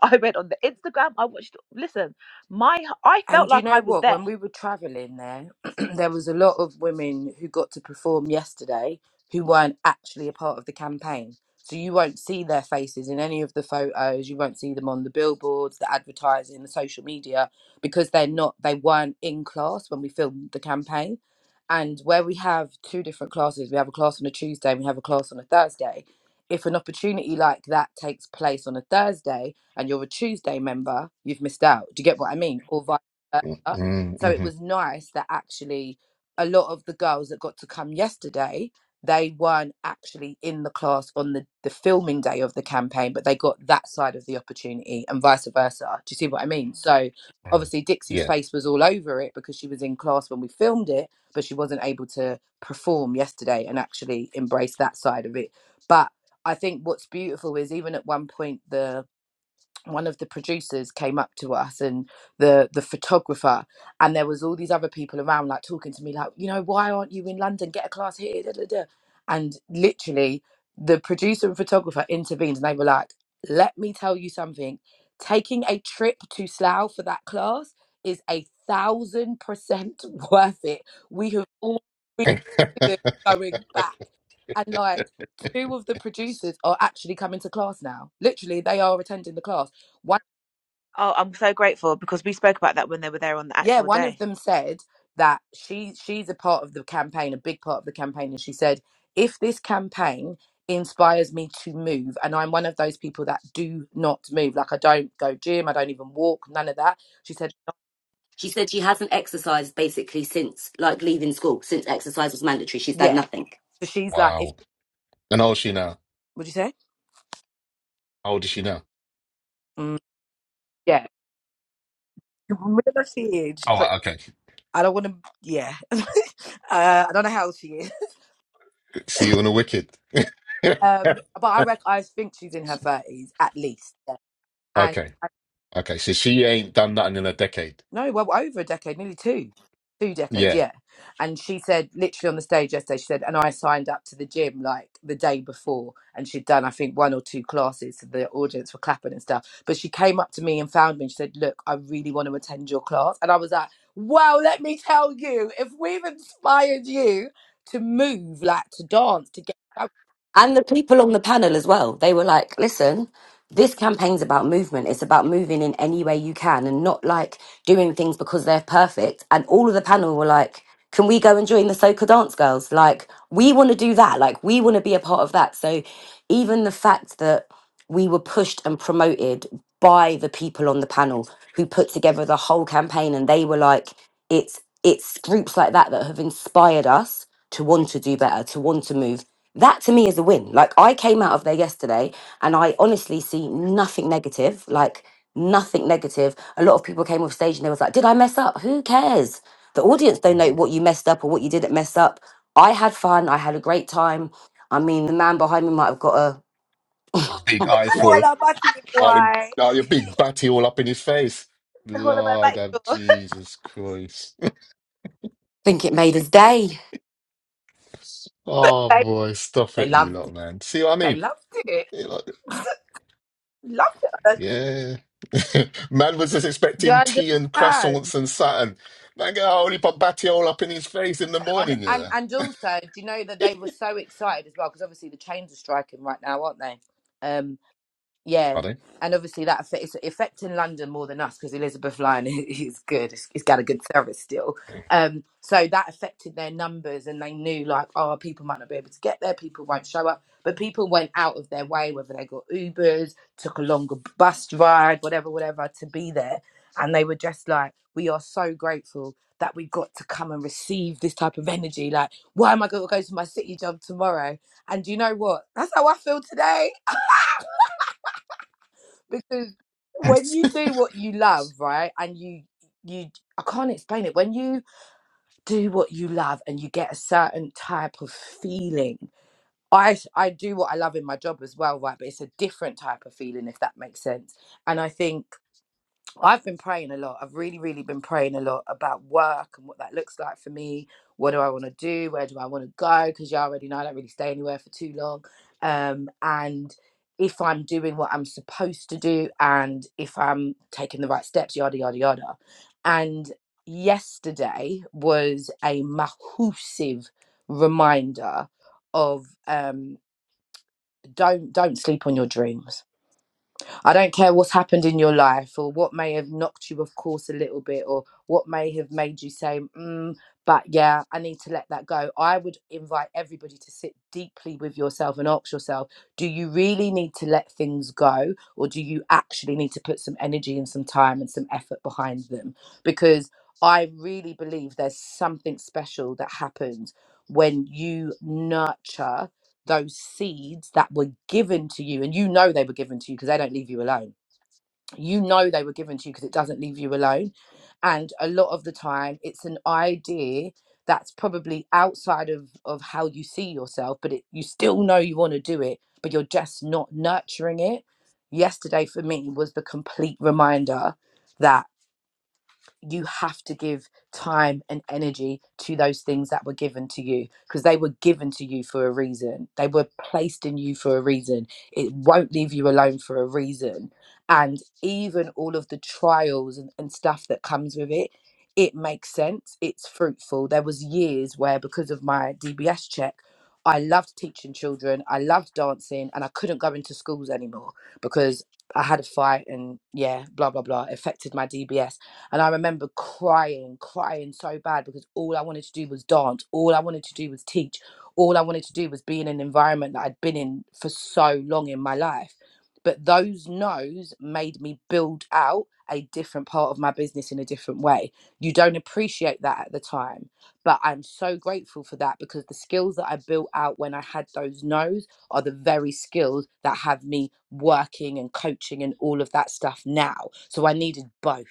Speaker 1: I went on the Instagram, I watched, listen, my, I felt
Speaker 3: And do you
Speaker 1: like I
Speaker 3: know
Speaker 1: was
Speaker 3: what?
Speaker 1: there.
Speaker 3: When we were traveling there, there was a lot of women who got to perform yesterday who weren't actually a part of the campaign. So you won't see their faces in any of the photos. You won't see them on the billboards, the advertising, the social media, because they're not. They weren't in class when we filmed the campaign. And where we have two different classes, we have a class on a Tuesday and we have a class on a Thursday. If an opportunity like that takes place on a Thursday, and you're a Tuesday member, you've missed out. Do you get what I mean? Or vice
Speaker 2: Mm-hmm.
Speaker 3: her.
Speaker 2: Mm-hmm.
Speaker 3: So it was nice that actually a lot of the girls that got to come yesterday, they weren't actually in the class on the, the filming day of the campaign, but they got that side of the opportunity and vice versa. Do you see what I mean? So
Speaker 2: Mm-hmm.
Speaker 3: obviously
Speaker 2: Yeah.
Speaker 3: Dixie's face was all over it because she was in class when we filmed it, but she wasn't able to perform yesterday and actually embrace that side of it. But I think what's beautiful is even at one point the one of the producers came up to us and the the photographer and there was all these other people around like talking to me like you know why aren't you in london get a class here da, da, da. and literally the producer and photographer intervened and they were like let me tell you something taking a trip to slough for that class is a thousand percent worth it we have all we they going back. And like two of the producers are actually coming to class now. Literally, they are attending the class. One
Speaker 1: Oh, I'm so grateful because we spoke about that when they were there on the
Speaker 3: yeah,
Speaker 1: actual
Speaker 3: one of
Speaker 1: day.
Speaker 3: them said that she she's a part of the campaign, a big part of the campaign, and she said, if this campaign inspires me to move and I'm one of those people that do not move. Like I don't go gym, I don't even walk, none of that. She said,
Speaker 4: She said she hasn't exercised basically since, like, leaving school, since exercise was mandatory. She's done
Speaker 3: Yeah.
Speaker 4: nothing.
Speaker 3: So she's like, if
Speaker 2: Wow. And how old is she now?
Speaker 3: would you say?
Speaker 2: How old is she now?
Speaker 3: Mm, yeah. Middle of age,
Speaker 2: Oh,
Speaker 3: but
Speaker 2: right, okay.
Speaker 3: I don't want to. Yeah, uh, I don't know how old she is,
Speaker 2: See you on the wicked. okay.
Speaker 3: um, but I rec- I think she's in her thirties at least. Yeah. And
Speaker 2: Okay. So she ain't done nothing in a decade.
Speaker 3: no, well over a decade, nearly two, two decades,
Speaker 2: Yeah.
Speaker 3: yeah. And she said literally on the stage yesterday, she said, and I signed up to the gym like the day before, and she'd done I think one or two classes, so the audience were clapping and stuff. But she came up to me and found me, and she said, look, I really want to attend your class, and I was like, well, let me tell you, if we've inspired you to move, like to dance, to get.
Speaker 4: And the people on the panel as well, they were like, listen, this campaign's about movement. It's about moving in any way you can and not like doing things because they're perfect. And all of the panel were like, can we go and join the Soca Dance Girls? Like, we want to do that. Like, we want to be a part of that. So, even the fact that we were pushed and promoted by the people on the panel who put together the whole campaign and they were like it's it's groups like that that have inspired us to want to do better to want to move that to me is a win like i came out of there yesterday and i honestly see nothing negative like nothing negative a lot of people came off stage and they was like did i mess up who cares the audience don't know what you messed up or what you didn't mess up i had fun i had a great time i mean the man behind me might have got a
Speaker 2: Big
Speaker 3: What
Speaker 2: eyeful.
Speaker 3: about it,
Speaker 2: All him,
Speaker 3: boy?
Speaker 2: all your big batty all up in his face.
Speaker 1: The Hall of
Speaker 2: Lord
Speaker 1: Fame.
Speaker 2: of Jesus Christ.
Speaker 4: think it made his day.
Speaker 2: oh,
Speaker 3: Like,
Speaker 2: boy. Stop
Speaker 3: they
Speaker 2: it, you
Speaker 3: loved
Speaker 2: lot,
Speaker 3: it.
Speaker 2: man. See what I
Speaker 3: They
Speaker 2: mean?
Speaker 3: loved it.
Speaker 2: You lot-
Speaker 3: Loved it.
Speaker 2: Yeah. man was just
Speaker 3: You
Speaker 2: expecting tea and
Speaker 3: understand?
Speaker 2: croissants and satin. Man, got a whole heap of batty all up in his face in the
Speaker 3: And,
Speaker 2: morning, you
Speaker 3: and
Speaker 2: know.
Speaker 3: and also, do you know that they were so excited as well? Because obviously the chains are striking right now, aren't they? Um, Yeah,
Speaker 2: Pardon?
Speaker 3: and obviously that affect, it's affecting London more than us because Elizabeth Lyon is good. He's he's got a good service still. Um, so that affected their numbers, and they knew like, oh, people might not be able to get there. People won't show up, but people went out of their way, whether they got Ubers, took a longer bus ride, whatever, whatever, to be there. And they were just like, we are so grateful that we got to come and receive this type of energy. Like, why am I going to go to my city job tomorrow? And do you know what? That's how I feel today because when you do what you love right and you you i can't explain it when you do what you love and you get a certain type of feeling i s- i do what i love in my job as well right but it's a different type of feeling if that makes sense and i think I've been praying a lot. I've really, really been praying a lot about work and what that looks like for me. What do I want to do? Where do I want to go? Because you already know I don't really stay anywhere for too long. Um, and if I'm doing what I'm supposed to do and if I'm taking the right steps, yada, yada, yada. And yesterday was a massive reminder of um, don't don't sleep on your dreams I don't care what's happened in your life or what may have knocked you off course a little bit or what may have made you say, mm, but yeah, I need to let that go. I would invite everybody to sit deeply with yourself and ask yourself, do you really need to let things go or do you actually need to put some energy and some time and some effort behind them? Because I really believe there's something special that happens when you nurture those seeds that were given to you and you know they were given to you because they don't leave you alone you know they were given to you because it doesn't leave you alone and a lot of the time it's an idea that's probably outside of of how you see yourself but it, you still know you want to do it but you're just not nurturing it yesterday for me was the complete reminder that you have to give time and energy to those things that were given to you because they were given to you for a reason. They were placed in you for a reason. It won't leave you alone for a reason. And even all of the trials and, and stuff that comes with it, it makes sense. It's fruitful. There was years where because of my DBS check, I loved teaching children. I loved dancing and I couldn't go into schools anymore because I had a fight and yeah, blah blah blah affected my DBS and I remember crying, crying so bad because all I wanted to do was dance. All I wanted to do was teach. All I wanted to do was be in an environment that I'd been in for so long in my life. But those no's made me build out a different part of my business in a different way. You don't appreciate that at the time, but I'm so grateful for that because the skills that I built out when I had those no's are the very skills that have me working and coaching and all of that stuff now. So I needed both.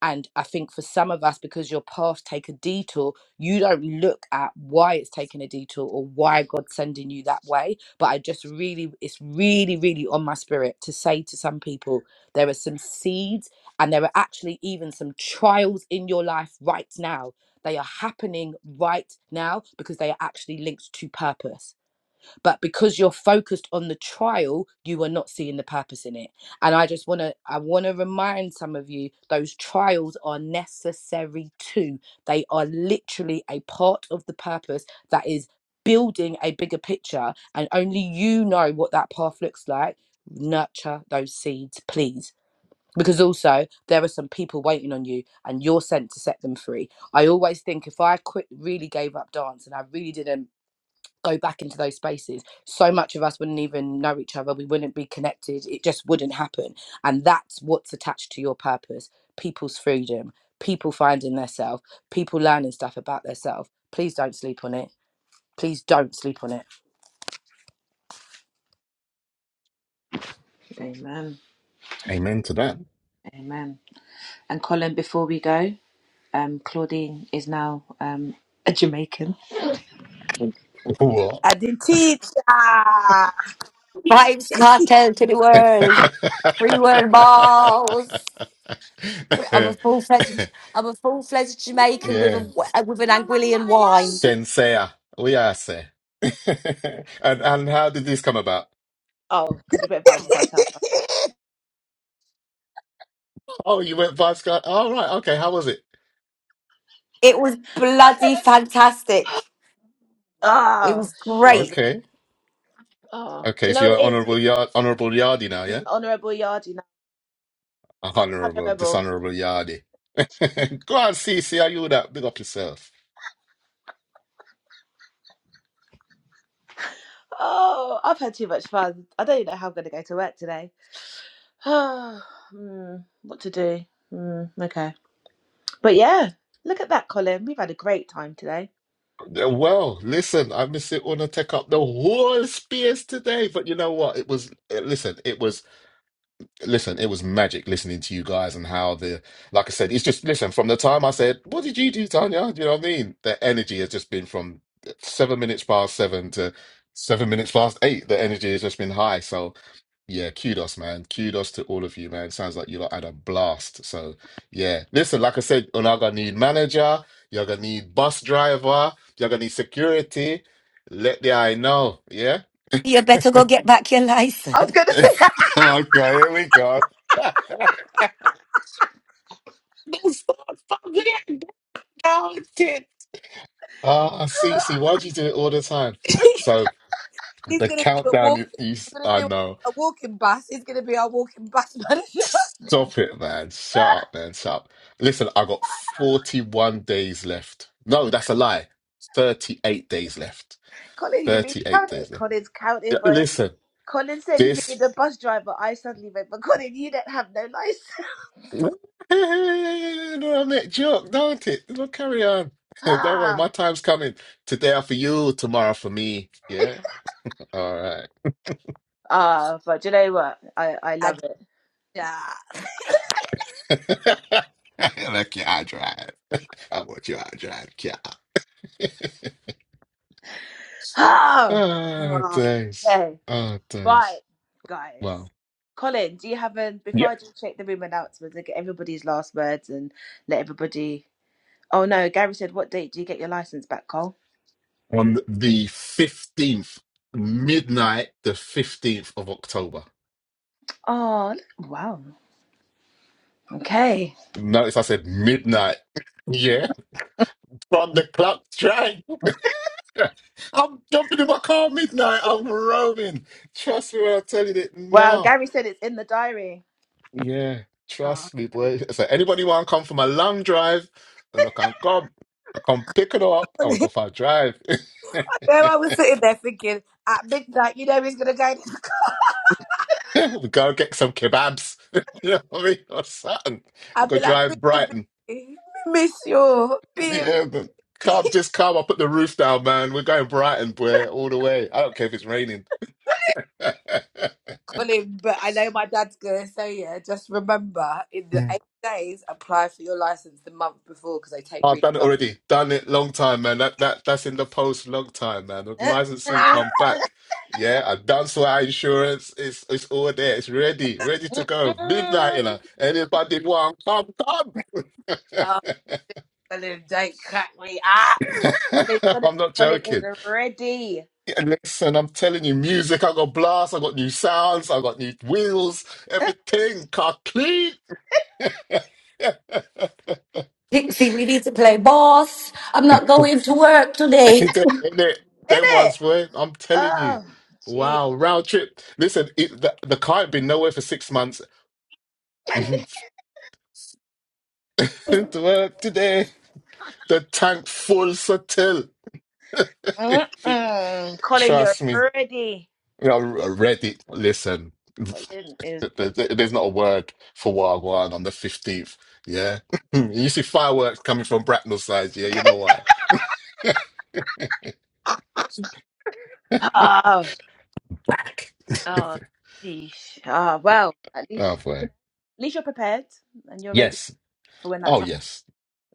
Speaker 3: And I think for some of us, because your path take a detour, you don't look at why it's taking a detour or why God's sending you that way. But I just really, it's really, really on my spirit to say to some people, there are some seeds and there are actually even some trials in your life right now. They are happening right now because they are actually linked to purpose but because you're focused on the trial you are not seeing the purpose in it and i just want to i want to remind some of you those trials are necessary too they are literally a part of the purpose that is building a bigger picture and only you know what that path looks like nurture those seeds please because also there are some people waiting on you and you're sent to set them free i always think if i quit really gave up dance and i really didn't go back into those spaces, so much of us wouldn't even know each other. We wouldn't be connected. It just wouldn't happen. And that's what's attached to your purpose people's freedom, people finding themselves, people learning stuff about themselves. Please don't sleep on it. Please don't sleep on it.
Speaker 1: Amen.
Speaker 2: Amen to that.
Speaker 1: Amen. And Colin, before we go, um, Claudine is now um, a Jamaican.
Speaker 2: What?
Speaker 3: And the teacher,
Speaker 4: Vibes cartel to the world. Free world balls. I'm a full fledged. I'm a full fledged Jamaican with a
Speaker 2: yeah,
Speaker 4: with an Anguillian wine.
Speaker 2: sensei. We are say. and and how did this come about?
Speaker 1: Oh, because we went Vibes Cartel. Oh, no,
Speaker 2: Oh, you went vice guard. All right. Okay. How was it?
Speaker 4: It was
Speaker 1: no,
Speaker 4: bloody
Speaker 1: no.
Speaker 4: fantastic. It
Speaker 1: Ah,
Speaker 4: was
Speaker 1: sugar.
Speaker 4: great.
Speaker 1: bee.
Speaker 2: Okay.
Speaker 1: Oh, do
Speaker 2: Okay.
Speaker 1: you know
Speaker 2: So
Speaker 1: what
Speaker 2: you're
Speaker 1: it is? It's-
Speaker 2: honorable yard, honorable yardy now,
Speaker 1: She's
Speaker 2: yeah?
Speaker 1: an honourable yardie now.
Speaker 2: Honorable,
Speaker 1: Honourable.
Speaker 2: dishonorable yardy. Go on, see, see how you do that. Big up yourself.
Speaker 1: Oh, I've had too much fun. I don't even know how I'm going to go to work today. Oh, hmm, what to do? Hmm, okay. But yeah, look at that, Colin. We've had a great time today.
Speaker 2: Yeah, Well, listen, I miss it wanna take up the whole space today, but you know what? It was eh, listen, it was listen, it was magic listening to you guys and how the like I said, it's just listen, from the time I said, What did you do, Tanya? Do you know what I mean? The energy has just been from seven minutes past seven to seven minutes past eight. The energy has just been high. So yeah, kudos, man. Kudos to all of you, man. Sounds like you lot had a blast. So, yeah. Listen, like I said, you're gonna need manager, you're gonna need bus driver, you're gonna need security. Let the I know, yeah?
Speaker 4: You better go get back your
Speaker 1: I was
Speaker 4: license.
Speaker 1: going to say.
Speaker 2: Okay, here we go. Don't start fucking counting. Ah, see, see, why do you do it all the time? So
Speaker 3: he's
Speaker 2: the
Speaker 3: gonna do a
Speaker 2: countdown is,
Speaker 3: walking.
Speaker 2: is-
Speaker 3: We're gonna
Speaker 2: I
Speaker 3: do
Speaker 2: know.
Speaker 3: a walking bus. He's gonna be our walking bus manager.
Speaker 2: Stop it, man. Shut up, man. Shut up. Listen, I got 41 days left. No, that's a lie. 38 days left.
Speaker 1: Colin, you've been
Speaker 2: 38
Speaker 1: counted.
Speaker 2: days left.
Speaker 1: Colin's
Speaker 2: Yeah,
Speaker 1: counted, boy.
Speaker 2: Listen,
Speaker 1: Colin said if you need
Speaker 2: this.
Speaker 1: a bus driver, I suddenly went, but Colin, you don't have no license.
Speaker 2: No, I make joke, don't it? No, carry on. Don't worry,
Speaker 1: ah,
Speaker 2: my time's coming. Today are for you, tomorrow for me. Yeah? All right.
Speaker 1: Ah, but do you know what? I, I
Speaker 3: And
Speaker 1: love it.
Speaker 3: the
Speaker 2: Look, yeah, I drive. I want you, I drive. Yeah.
Speaker 1: Ah,
Speaker 2: Ah,
Speaker 1: ah,
Speaker 2: days.
Speaker 1: okay.
Speaker 2: Ah,
Speaker 1: Right,
Speaker 2: days.
Speaker 1: guys.
Speaker 2: Wow.
Speaker 1: Colin, do you have a, before I just check the room announcements and get everybody's last words and let everybody, oh no, Gary said, what date do you get your license back, Cole?
Speaker 2: on the 15th, midnight, the 15th of October.
Speaker 1: Oh, look- wow. Okay.
Speaker 2: Notice I said midnight. Yeah, from the clock strike. I'm jumping in my car midnight. I'm roaming. Trust me when I tell you that
Speaker 1: Wow,
Speaker 2: now.
Speaker 1: Gary said it's in the diary.
Speaker 2: Yeah,
Speaker 1: Oh,
Speaker 2: trust me, boy. So anybody want to come from a long drive, and I can come, I can pick it up, and we go
Speaker 3: teacher.
Speaker 2: for a drive. we
Speaker 3: Where I was sitting there thinking at midnight, you know, he's gonna go.
Speaker 2: go get some kebabs. you know what I mean? Or something. We
Speaker 3: I'll
Speaker 2: go
Speaker 3: be like,
Speaker 2: drive
Speaker 3: baby,
Speaker 2: Brighton.
Speaker 3: we miss you, baby.
Speaker 2: Yeah, but calm, just calm. I'll put the roof down, man. We're going Brighton, boy, all the way. I don't care if it's raining.
Speaker 3: calling, but I know my dad's gonna say, yeah, just remember in the
Speaker 2: Mm.
Speaker 3: eight days, apply for your license the month before because they take
Speaker 2: I've
Speaker 3: really
Speaker 2: done it
Speaker 3: long.
Speaker 2: already. Done it long time, man. That that that's in the post long time, man. The
Speaker 1: Gary.
Speaker 2: license soon come back. Yeah, I've done so our insurance. It's it's all there. It's ready, ready to go. Midnight,
Speaker 1: Mm-mm.
Speaker 2: you know. Anybody want come, come.
Speaker 3: Oh, Colin, don't crack me up.
Speaker 1: But it's good.
Speaker 2: I'm not
Speaker 1: But it is
Speaker 2: joking.
Speaker 1: ready.
Speaker 2: Yeah, Listen, I'm telling you, music, I got blast, I got new sounds, I got new wheels,
Speaker 1: Isn't
Speaker 2: everything, car clean. Ain't
Speaker 4: Pixie, we need to play boss. I'm not going to work today.
Speaker 2: that, ain't that, that
Speaker 1: it?
Speaker 2: one's worth. I'm telling you.
Speaker 1: Oh, gee.
Speaker 2: Wow, round trip. Listen, it, the, the car had been nowhere for six months. to work today. The tank full subtle.
Speaker 1: Mm-mm. Colin, you're
Speaker 2: Trust me.
Speaker 1: ready.
Speaker 2: Yeah, I read it. Listen,
Speaker 1: Colin is.
Speaker 2: there- there- there's not a word for Wagwan on the 15th. Yeah. you see fireworks coming from Bracknell side. Yeah, you know why.
Speaker 1: Oh,
Speaker 2: Back.
Speaker 1: oh, geez. Oh, well, at
Speaker 2: oh,
Speaker 1: least,
Speaker 2: boy.
Speaker 1: at least you're prepared and you're ready
Speaker 2: Yes.
Speaker 1: for when that
Speaker 2: Oh,
Speaker 1: time.
Speaker 2: yes.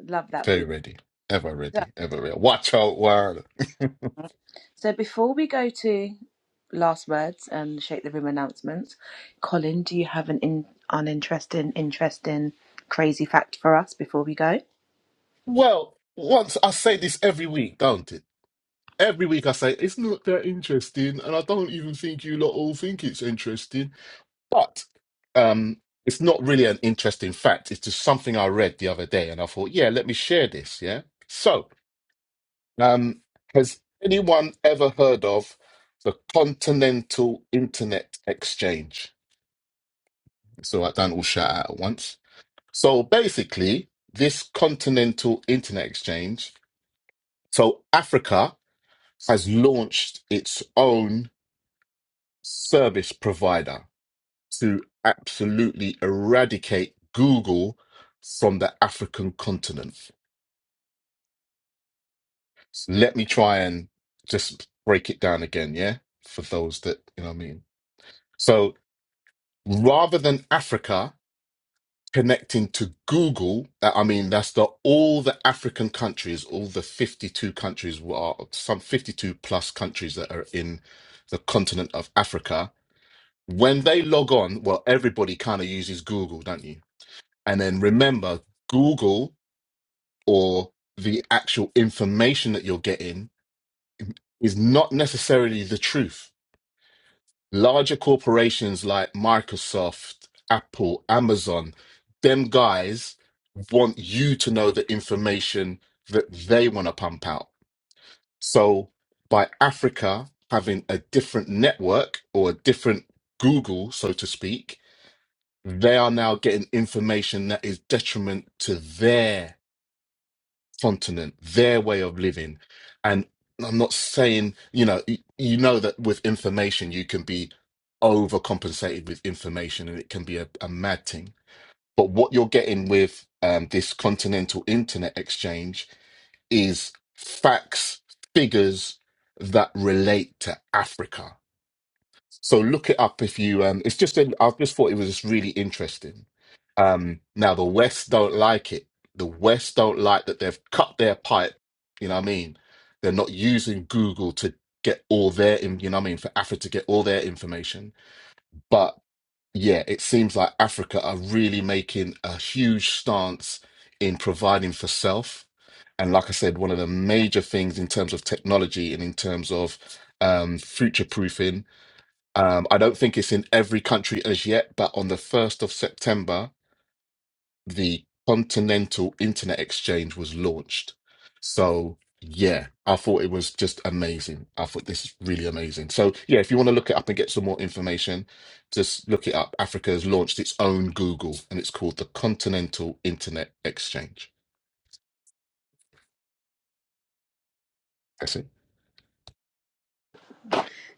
Speaker 1: Love that for
Speaker 2: Very
Speaker 1: you.
Speaker 2: ready. Ever
Speaker 1: So,
Speaker 2: ready. Ever ready. Watch out, world.
Speaker 1: so before we go to last words and shake the room announcements, Colin, do you have an in, uninteresting, interesting, crazy fact for us before we go?
Speaker 2: Well, once I say this every week, don't it? Every week I say it's not that interesting, and I don't even think you lot all think it's interesting. But um, it's not really an interesting fact. It's just something I read the other day, and I thought, yeah, let me share this. Yeah. So, um, has anyone ever heard of the Continental Internet Exchange? So I don't all shout out at once. So basically, this continental internet exchange, so Africa has launched its own service provider to absolutely eradicate Google from the African continent. Let me try and just break it down again, yeah? For those that, you know what I mean? So rather than Africa, connecting to Google. uh, I mean, that's the all the African countries, all the 52 countries, well, some 52 plus countries that are in the continent of Africa. When they log on, well, everybody kind of uses Google, don't you? And then remember, Google or the actual information that you're getting is not necessarily the truth larger corporations like Microsoft, Apple, Amazon, them guys want you to know the information that they want to pump out. So by Africa having a different network or a different Google, so to speak, they are now getting information that is detriment to their continent, their way of living. And I'm not saying, you know, y- you know that with information, you can be overcompensated with information and it can be a, a mad thing. But what you're getting with um, this continental internet exchange is facts, figures that relate to Africa so look it up if you. Um, it's just. I just thought it was just really interesting. Um, now the West don't like it. The West don't like that they've cut their pipe. You know what I mean? They're not using Google to get all their. in- You know what I mean? For Africa to get all their information, but yeah, it seems like Africa are really making a huge stance in providing for self. And like I said, one of the major things in terms of technology and in terms of um, future proofing um, I don't think it's in every country as yet, but on the 1st of September, the Continental Internet Exchange was launched. So, yeah, I thought it was just amazing. I thought this is really amazing. So, yeah, if you want to look it up and get some more information, just look it up. Africa has launched its own Google and it's called the Continental Internet Exchange. That's it.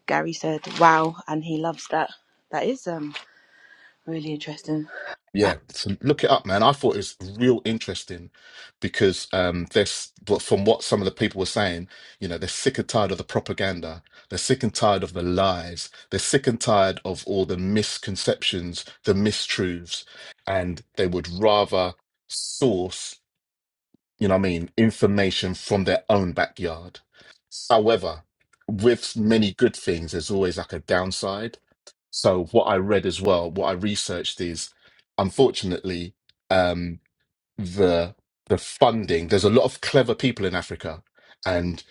Speaker 1: Gary said, "Wow," and he loves that. That is um really interesting.
Speaker 2: Yeah, so look it up, man. I thought it was real interesting because um, there's but from what some of the people were saying, you know, they're sick and tired of the propaganda, they're sick and tired of the lies, they're sick and tired of all the misconceptions, the mistruths, and they would rather source, you know, what I mean, information from their own backyard. However, with many good things, there's always like a downside so what I read as well, what I researched is, unfortunately, um, the the funding. There's a lot of clever people in Africa, and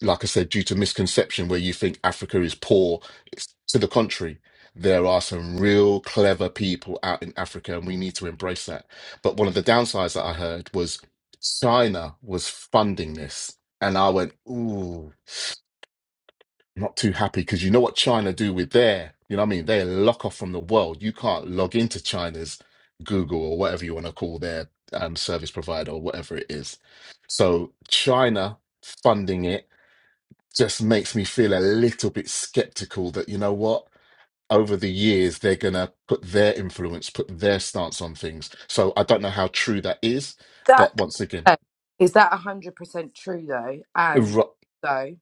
Speaker 2: like I said, due to misconception where you think Africa is poor, it's to the contrary. There are some real clever people out in Africa, and we need to embrace that. But one of the downsides that I heard was China was funding this, and I went, ooh not too happy because you know what China do with their, you know what I mean? They lock off from the world. You can't log into China's Google or whatever you want to call their um, service provider or whatever it is. So China funding it just makes me feel a little bit skeptical that, you know what? Over the years, they're going to put their influence, put their stance on things. So I don't know how true that is. But
Speaker 3: That
Speaker 2: once again,
Speaker 3: is that a hundred percent true though, and
Speaker 2: ru-
Speaker 3: so.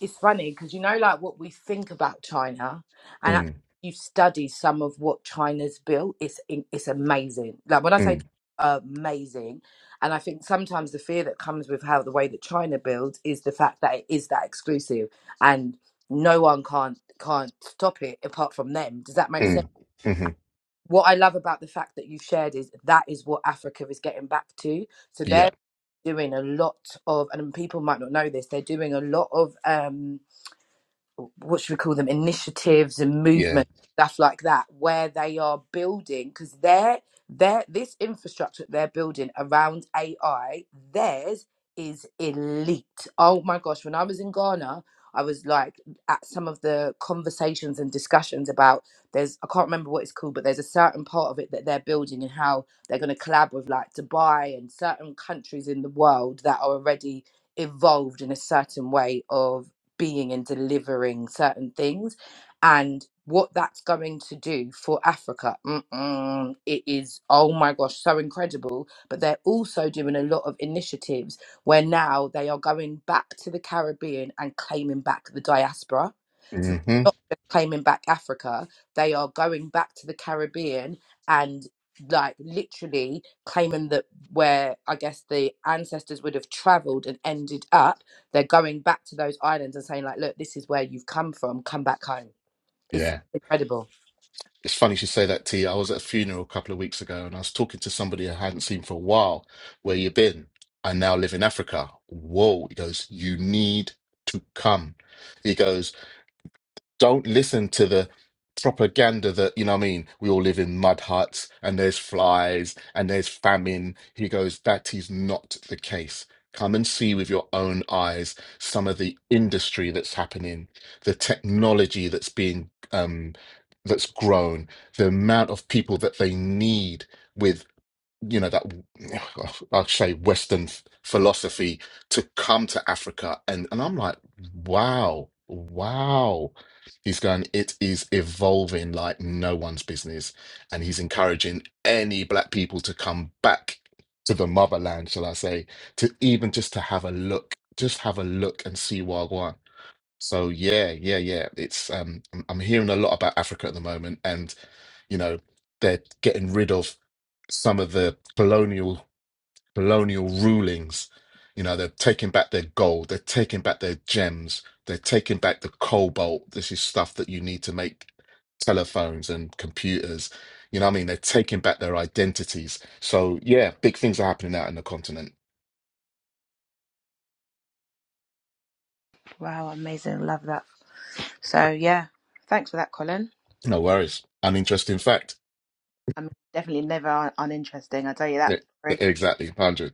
Speaker 3: it's funny because you know like what we think about china and actually
Speaker 2: mm,
Speaker 3: you study some of what china's built it's in- it's amazing like when i say
Speaker 2: mm,
Speaker 3: amazing and i think sometimes the fear that comes with how the way that china builds is the fact that it is that exclusive and no one can't can't stop it apart from them does that make sense
Speaker 2: mm, hmm
Speaker 3: what i love about the fact that you've shared is that is what africa is getting back to so
Speaker 2: yeah,
Speaker 3: they're doing a lot of and people might not know this they're doing a lot of um what should we call them initiatives and
Speaker 2: yeah,
Speaker 3: movements stuff like that where they are building because they're, they're this infrastructure that they're building around ai theirs is elite oh my gosh when i was in ghana i was like at some of the conversations and discussions about there's i can't remember what it's called but there's a certain part of it that they're building and how they're going to collab with like dubai and certain countries in the world that are already evolved in a certain way of being and delivering certain things and what that's going to do for Africa. Mm-mm, it is, oh my gosh, so incredible. But they're also doing a lot of initiatives where now they are going back to the Caribbean and claiming back the diaspora. So
Speaker 2: hmm
Speaker 3: they're not just claiming back Africa, they are going back to the Caribbean and like literally claiming that where I guess the ancestors would have traveled and ended up they're going back to those islands and saying, like, look, this is where you've come from. Come back home. It's
Speaker 2: yeah.
Speaker 3: incredible.
Speaker 2: It's funny you should say that, T. I was at a funeral a couple of weeks ago and I was talking to somebody I hadn't seen for a while. Where you been? I now live in Africa. Whoa. He goes, You need to come. He goes don't listen to the propaganda that you know what I mean we all live in mud huts and there's flies and there's famine he goes that is not the case come and see with your own eyes some of the industry that's happening the technology that's being um that's grown the amount of people that they need with you know that I'll say Western f- philosophy to come to Africa, and and I'm like, wow, wow. He's going, it is evolving like no one's business, and he's encouraging any black people to come back to the motherland, shall I say, to even just to have a look, just have a look and see Wagwan. So yeah, yeah, yeah. It's um I'm, I'm hearing a lot about Africa at the moment and you know they're getting rid of some of the colonial colonial rulings. You know, they're taking back their gold, they're taking back their gems, they're taking back the cobalt. This is stuff that you need to make telephones and computers. You know what I mean? They're taking back their identities. So yeah, big things are happening out in the continent.
Speaker 1: Wow, amazing. Love that. So yeah, thanks for that, Colin.
Speaker 2: No worries. An interesting fact.
Speaker 1: I'm definitely never un- uninteresting. I tell you
Speaker 2: E-
Speaker 1: that.
Speaker 2: e,
Speaker 1: Sorry.
Speaker 2: Exactly. 100.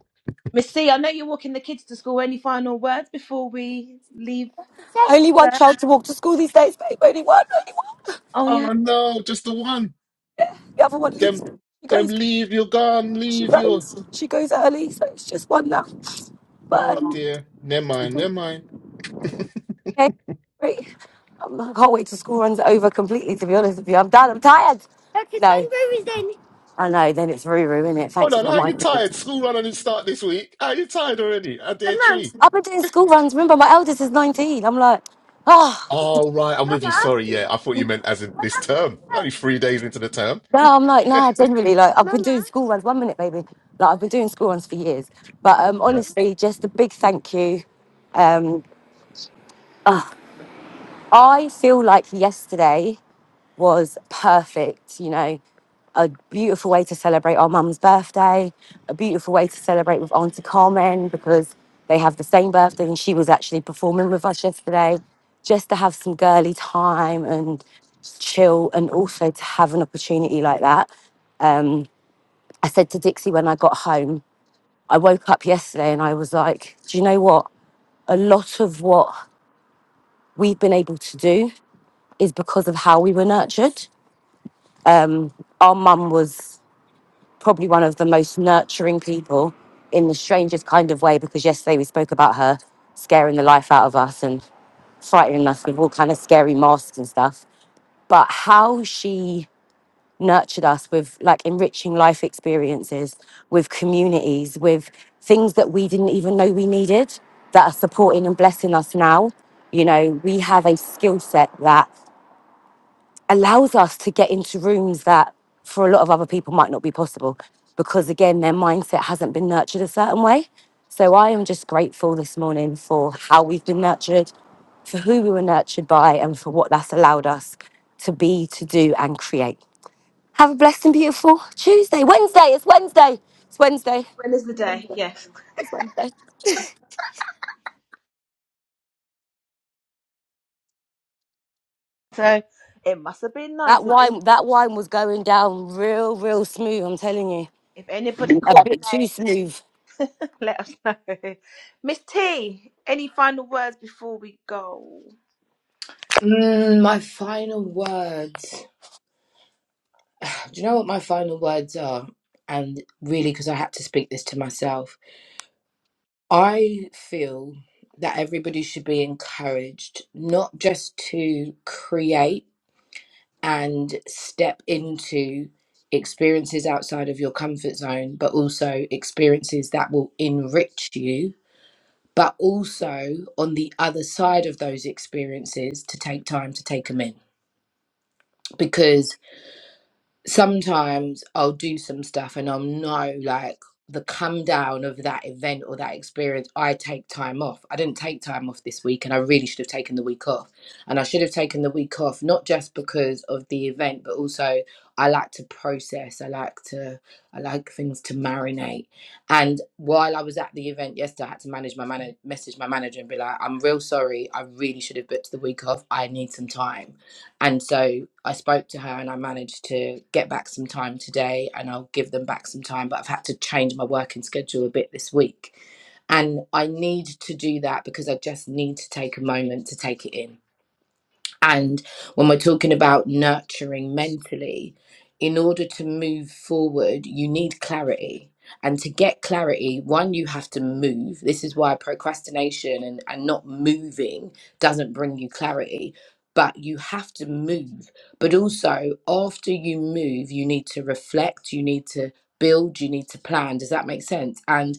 Speaker 1: Miss C, I know you're walking the kids to school. Any final words before we leave?
Speaker 4: Only one
Speaker 1: There?
Speaker 4: child to walk to school these days, babe. Only one, only one.
Speaker 1: Oh
Speaker 2: Oh
Speaker 1: yeah,
Speaker 2: no, just the one.
Speaker 4: The other one leaves.
Speaker 2: Them,
Speaker 4: She
Speaker 2: them
Speaker 4: goes,
Speaker 2: leave you, gone,
Speaker 4: she
Speaker 2: leave you.
Speaker 4: goes, she goes early, so it's just one now. But.
Speaker 2: Oh
Speaker 4: um,
Speaker 2: dear, never mind, never mind.
Speaker 4: Okay, great. Um, I can't wait till school runs over completely, to be honest with you. I'm done. I'm tired. Okay, no. then Ruru is then. I know, then it's Ruru, isn't it?
Speaker 2: Hold
Speaker 4: Thanks
Speaker 2: on,
Speaker 4: for
Speaker 2: how you
Speaker 4: reminding me.
Speaker 2: tired? School run didn't start this week. How you tired already? At
Speaker 4: And
Speaker 2: day
Speaker 4: Mum?
Speaker 2: three.
Speaker 4: I've been doing school runs. Remember, my eldest is 19. I'm like, oh.
Speaker 2: Oh right, I'm with you.
Speaker 4: Mama?
Speaker 2: Sorry, yeah, I thought you meant as in
Speaker 4: what
Speaker 2: this
Speaker 4: happened to
Speaker 2: term.
Speaker 4: your
Speaker 2: Only three days into the term.
Speaker 4: No, I'm like, nah, generally, like, I've been doing Mama? school runs. One minute, baby. Like, I've been doing school runs for years. But um,
Speaker 2: Right.
Speaker 4: honestly, just a big thank you. Um, I feel like yesterday. was perfect. You know, a beautiful way to celebrate our mum's birthday, a beautiful way to celebrate with Auntie Carmen because they have the same birthday and she was actually performing with us yesterday, just to have some girly time and chill and also to have an opportunity like that. Um, I said to Dixie when I got home, I woke up yesterday and I was like, do you know what? A lot of what we've been able to do is because of how we were nurtured Um, our mum was probably one of the most nurturing people in the strangest kind of way because yesterday we spoke about her scaring the life out of us and frightening us with all kind of scary masks and stuff but how she nurtured us with like enriching life experiences with communities with things that we didn't even know we needed that are supporting and blessing us now you know we have a skill set that allows us to get into rooms that for a lot of other people might not be possible because again their mindset hasn't been nurtured a certain way so i am just grateful this morning for how we've been nurtured for who we were nurtured by and for what that's allowed us to be to do and create have a blessed and beautiful tuesday wednesday it's wednesday it's wednesday
Speaker 1: when is the day? Yes. So it must have been
Speaker 4: that
Speaker 1: nice. If,
Speaker 4: wine that wine was going down real real smooth i'm telling you
Speaker 1: if anybody
Speaker 4: a
Speaker 1: caught
Speaker 4: bit too
Speaker 1: the
Speaker 4: smooth
Speaker 1: name, let us know. Miss T, any final words before we go?
Speaker 3: Mm, my final words. Do you know what my final words are? And really, because I had to speak this to myself, I feel that everybody should be encouraged not just to create and step into experiences outside of your comfort zone, but also experiences that will enrich you but also on the other side of those experiences to take time to take them in because sometimes I'll do some stuff and I'll know like the come down of that event or that experience. I take time off. I didn't take time off this week and I really should have taken the week off. And I should have taken the week off, not just because of the event, but also I like to process. I like to, I like things to marinate. And while I was at the event yesterday, I had to manage my manager, message my manager and be like, I'm real sorry. I really should have booked the week off. I need some time and so I spoke to her and I managed to get back some time today and I'll give them back some time, but I've had to change my working schedule a bit this week. And I need to do that because I just need to take a moment to take it in and when we're talking about nurturing mentally, in order to move forward, you need clarity. And to get clarity, one, you have to move. This is why procrastination and, and not moving doesn't bring you clarity. But you have to move. But also, after you move, you need to reflect, you need to build, you need to plan. Does that make sense? And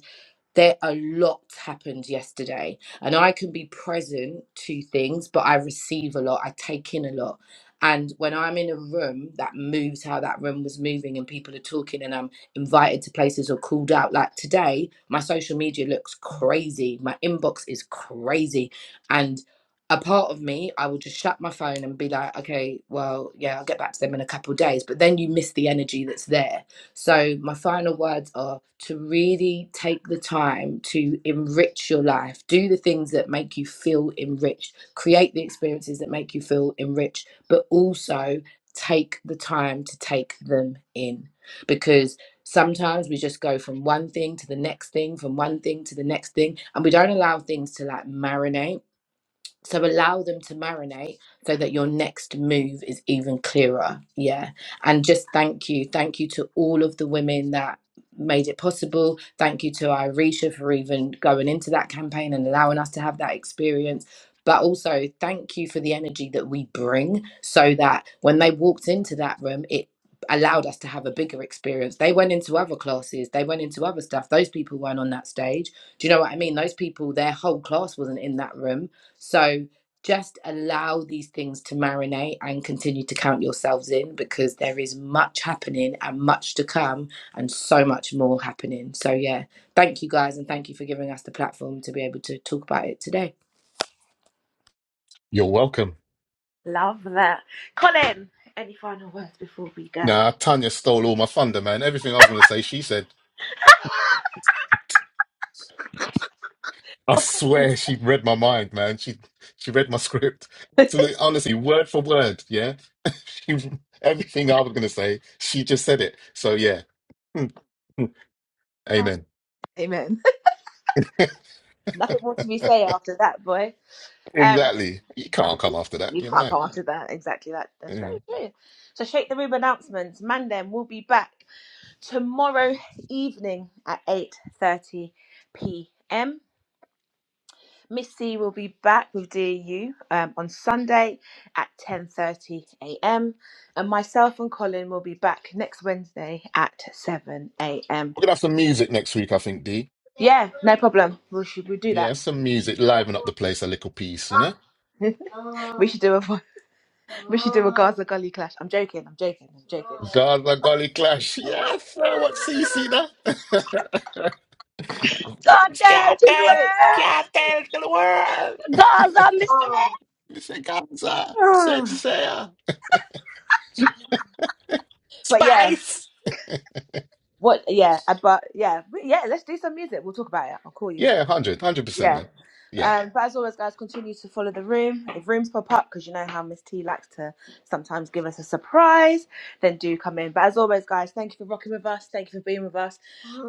Speaker 3: there a lot happened yesterday and i can be present to things but i receive a lot i take in a lot and when i'm in a room that moves how that room was moving and people are talking and i'm invited to places or called out like today my social media looks crazy my inbox is crazy and a part of me i will just shut my phone and be like okay well yeah i'll get back to them in a couple of days but then you miss the energy that's there so, my final words are to really take the time to enrich your life. Do the things that make you feel enriched, create the experiences that make you feel enriched, but also take the time to take them in because sometimes we just go from one thing to the next thing, from one thing to the next thing, and we don't allow things to like marinate so allow them to marinate so that your next move is even clearer. Yeah. And just thank you. Thank you to all of the women that made it possible. Thank you to Irisha for even going into that campaign and allowing us to have that experience. But also thank you for the energy that we bring so that when they walked into that room, it allowed us to have a bigger experience. They went into other classes, they went into other stuff. Those people weren't on that stage. Do you know what I mean? Those people, their whole class wasn't in that room so just allow these things to marinate and continue to count yourselves in because there is much happening and much to come and so much more happening. So, yeah, thank you guys and thank you for giving us the platform to be able to talk about it today.
Speaker 2: You're welcome.
Speaker 1: Love that. Colin, any final words before we go?
Speaker 2: Nah, Tanya stole all my thunder, man. Everything I was gonna say, she said. I swear she read my mind, man. She she read my script. So look, honestly, word for word, yeah. She, everything I was gonna say, she just said it. So yeah, Hmm, hmm.
Speaker 1: Oh,
Speaker 2: amen.
Speaker 1: Amen. Nothing more to be say after that, boy. Um,
Speaker 2: Exactly. You
Speaker 1: that-
Speaker 2: can't come after that.
Speaker 1: you
Speaker 2: You're
Speaker 1: can't
Speaker 2: mad.
Speaker 1: come after that. Exactly that.
Speaker 2: Yeah.
Speaker 1: That's
Speaker 2: We're
Speaker 1: very true. So, shake the room announcements. Mandem will be back tomorrow evening at eight thirty p.m. Miss C will be back with DU um, on Sunday at ten thirty a.m. and myself and Colin will be back next Wednesday at seven a.m.
Speaker 2: gonna have some music next week, I think, D.
Speaker 1: Yeah, no problem. We should we do that.
Speaker 2: Yeah, some music. Liven up the place a little piece, you know?
Speaker 1: we should do a we should do a Gaza Gully clash. I'm joking. I'm joking. I'm joking.
Speaker 2: Gaza Golly Clash. Yes, I want C C now. Mister Gaza. Said
Speaker 1: Ah.
Speaker 2: Sarah.
Speaker 1: but yeah,
Speaker 2: Spice.
Speaker 1: what? Yeah, but yeah, but yeah. Let's do some music. We'll talk about it. I'll call you.
Speaker 2: Yeah, 100, percent
Speaker 1: Yeah.
Speaker 2: man. Yeah.
Speaker 1: Um, but as always, guys, continue to follow the room. If rooms pop up, because you know how Miss T likes to sometimes give us a surprise, then do come in. But as always, guys, thank you for rocking with us. Thank you for being with us.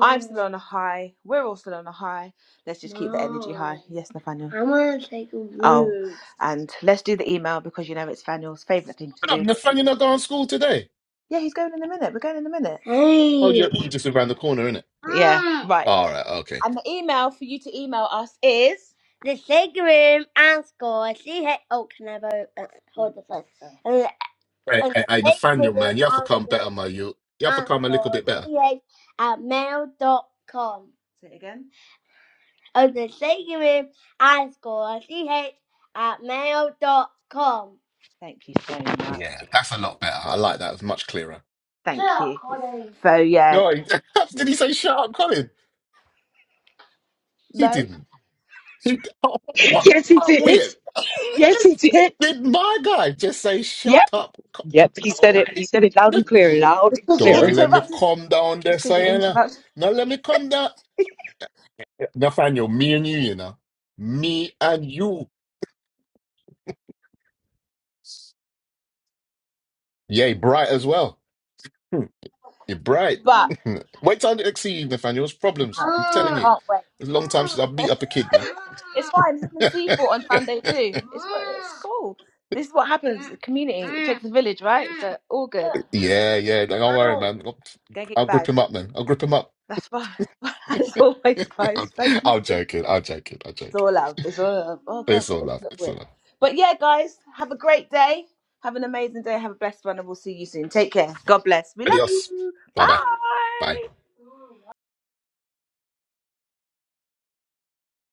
Speaker 1: I'm still on a high. We're all still on a high. Let's just keep the energy high. Yes, Nathaniel. I want to take a walk. Oh, and let's do the email because you know it's Nathaniel's favourite thing to
Speaker 2: But
Speaker 1: do.
Speaker 2: I'm the fan, you're not going to school today.
Speaker 1: Yeah, he's going in a minute. We're going in a minute.
Speaker 2: Oh,
Speaker 1: Hey.
Speaker 2: you you just around the corner, innit?
Speaker 1: Yeah. Right.
Speaker 2: All right, okay.
Speaker 1: And the email for you to email us is The sick room and score. See how. Oh, can I vote? Uh, hold the phone. And the,
Speaker 2: Hey,
Speaker 1: and
Speaker 2: hey,
Speaker 1: the
Speaker 2: hey,
Speaker 1: sick room
Speaker 2: Nathaniel, man, you have to
Speaker 1: and
Speaker 2: come
Speaker 1: score.
Speaker 2: better, man. You you have to
Speaker 1: And
Speaker 2: come a
Speaker 1: score.
Speaker 2: little bit better.
Speaker 1: CH at mail dot com. say it again. And the sick room and score. CH at mail dot com. Thank you so much.
Speaker 2: Yeah, that's a lot better. I like that. It's much clearer.
Speaker 1: Thank you. So yeah,
Speaker 2: No, he- did he say shut up, Colin? He
Speaker 1: no,
Speaker 2: didn't. He, oh, what?
Speaker 4: Yes, he
Speaker 2: What
Speaker 4: did.
Speaker 2: weird?
Speaker 4: Yes, he
Speaker 2: Did,
Speaker 4: did.
Speaker 2: did my guy just say shut up? Co-
Speaker 4: Yep, he said
Speaker 2: Oh,
Speaker 4: it.
Speaker 2: I
Speaker 4: He said it loud and
Speaker 2: didn't-
Speaker 4: clear, loud
Speaker 1: it's
Speaker 4: and
Speaker 1: because you
Speaker 4: clear.
Speaker 2: Don't let me
Speaker 1: interrupted.
Speaker 2: come down
Speaker 1: It's
Speaker 2: there,
Speaker 1: because you
Speaker 2: Sayana.
Speaker 1: interrupted.
Speaker 2: No, let me come down. Nathaniel, me and you, you know. Me and you. Yeah, he bright as well. Hmm, You're bright.
Speaker 1: But we
Speaker 2: Wait time to exceed Nathaniel's problems. I'm telling
Speaker 1: Ah.
Speaker 2: you.
Speaker 1: can't wait.
Speaker 2: It's a long time since I beat up a kid, man.
Speaker 1: It's fine. Him and
Speaker 2: yeah,
Speaker 1: seaforth on Sunday too. It's it's cool. This is what happens. The community. It takes a village, right? So all good.
Speaker 2: yeah. Like, Don't worry,
Speaker 1: Don't
Speaker 2: man. I'll, I'll
Speaker 1: get
Speaker 2: grip
Speaker 1: bad.
Speaker 2: him up, man. I'll grip him up.
Speaker 1: That's fine. As always, guys.
Speaker 2: I'm,
Speaker 1: Thank you.
Speaker 2: I'll joke it. I'll joke it. I'll
Speaker 1: It's
Speaker 2: joke it.
Speaker 1: all love. It's all love. Oh gosh,
Speaker 2: It's all
Speaker 1: it's
Speaker 2: love.
Speaker 1: not
Speaker 2: It's all
Speaker 1: weird.
Speaker 2: love.
Speaker 1: But yeah, guys, have a great day. Have an amazing day. Have a blessed one, and we'll see you soon. Take care. God bless. We love
Speaker 2: Adios.
Speaker 1: you.
Speaker 2: Bye-bye. Bye.
Speaker 1: Bye.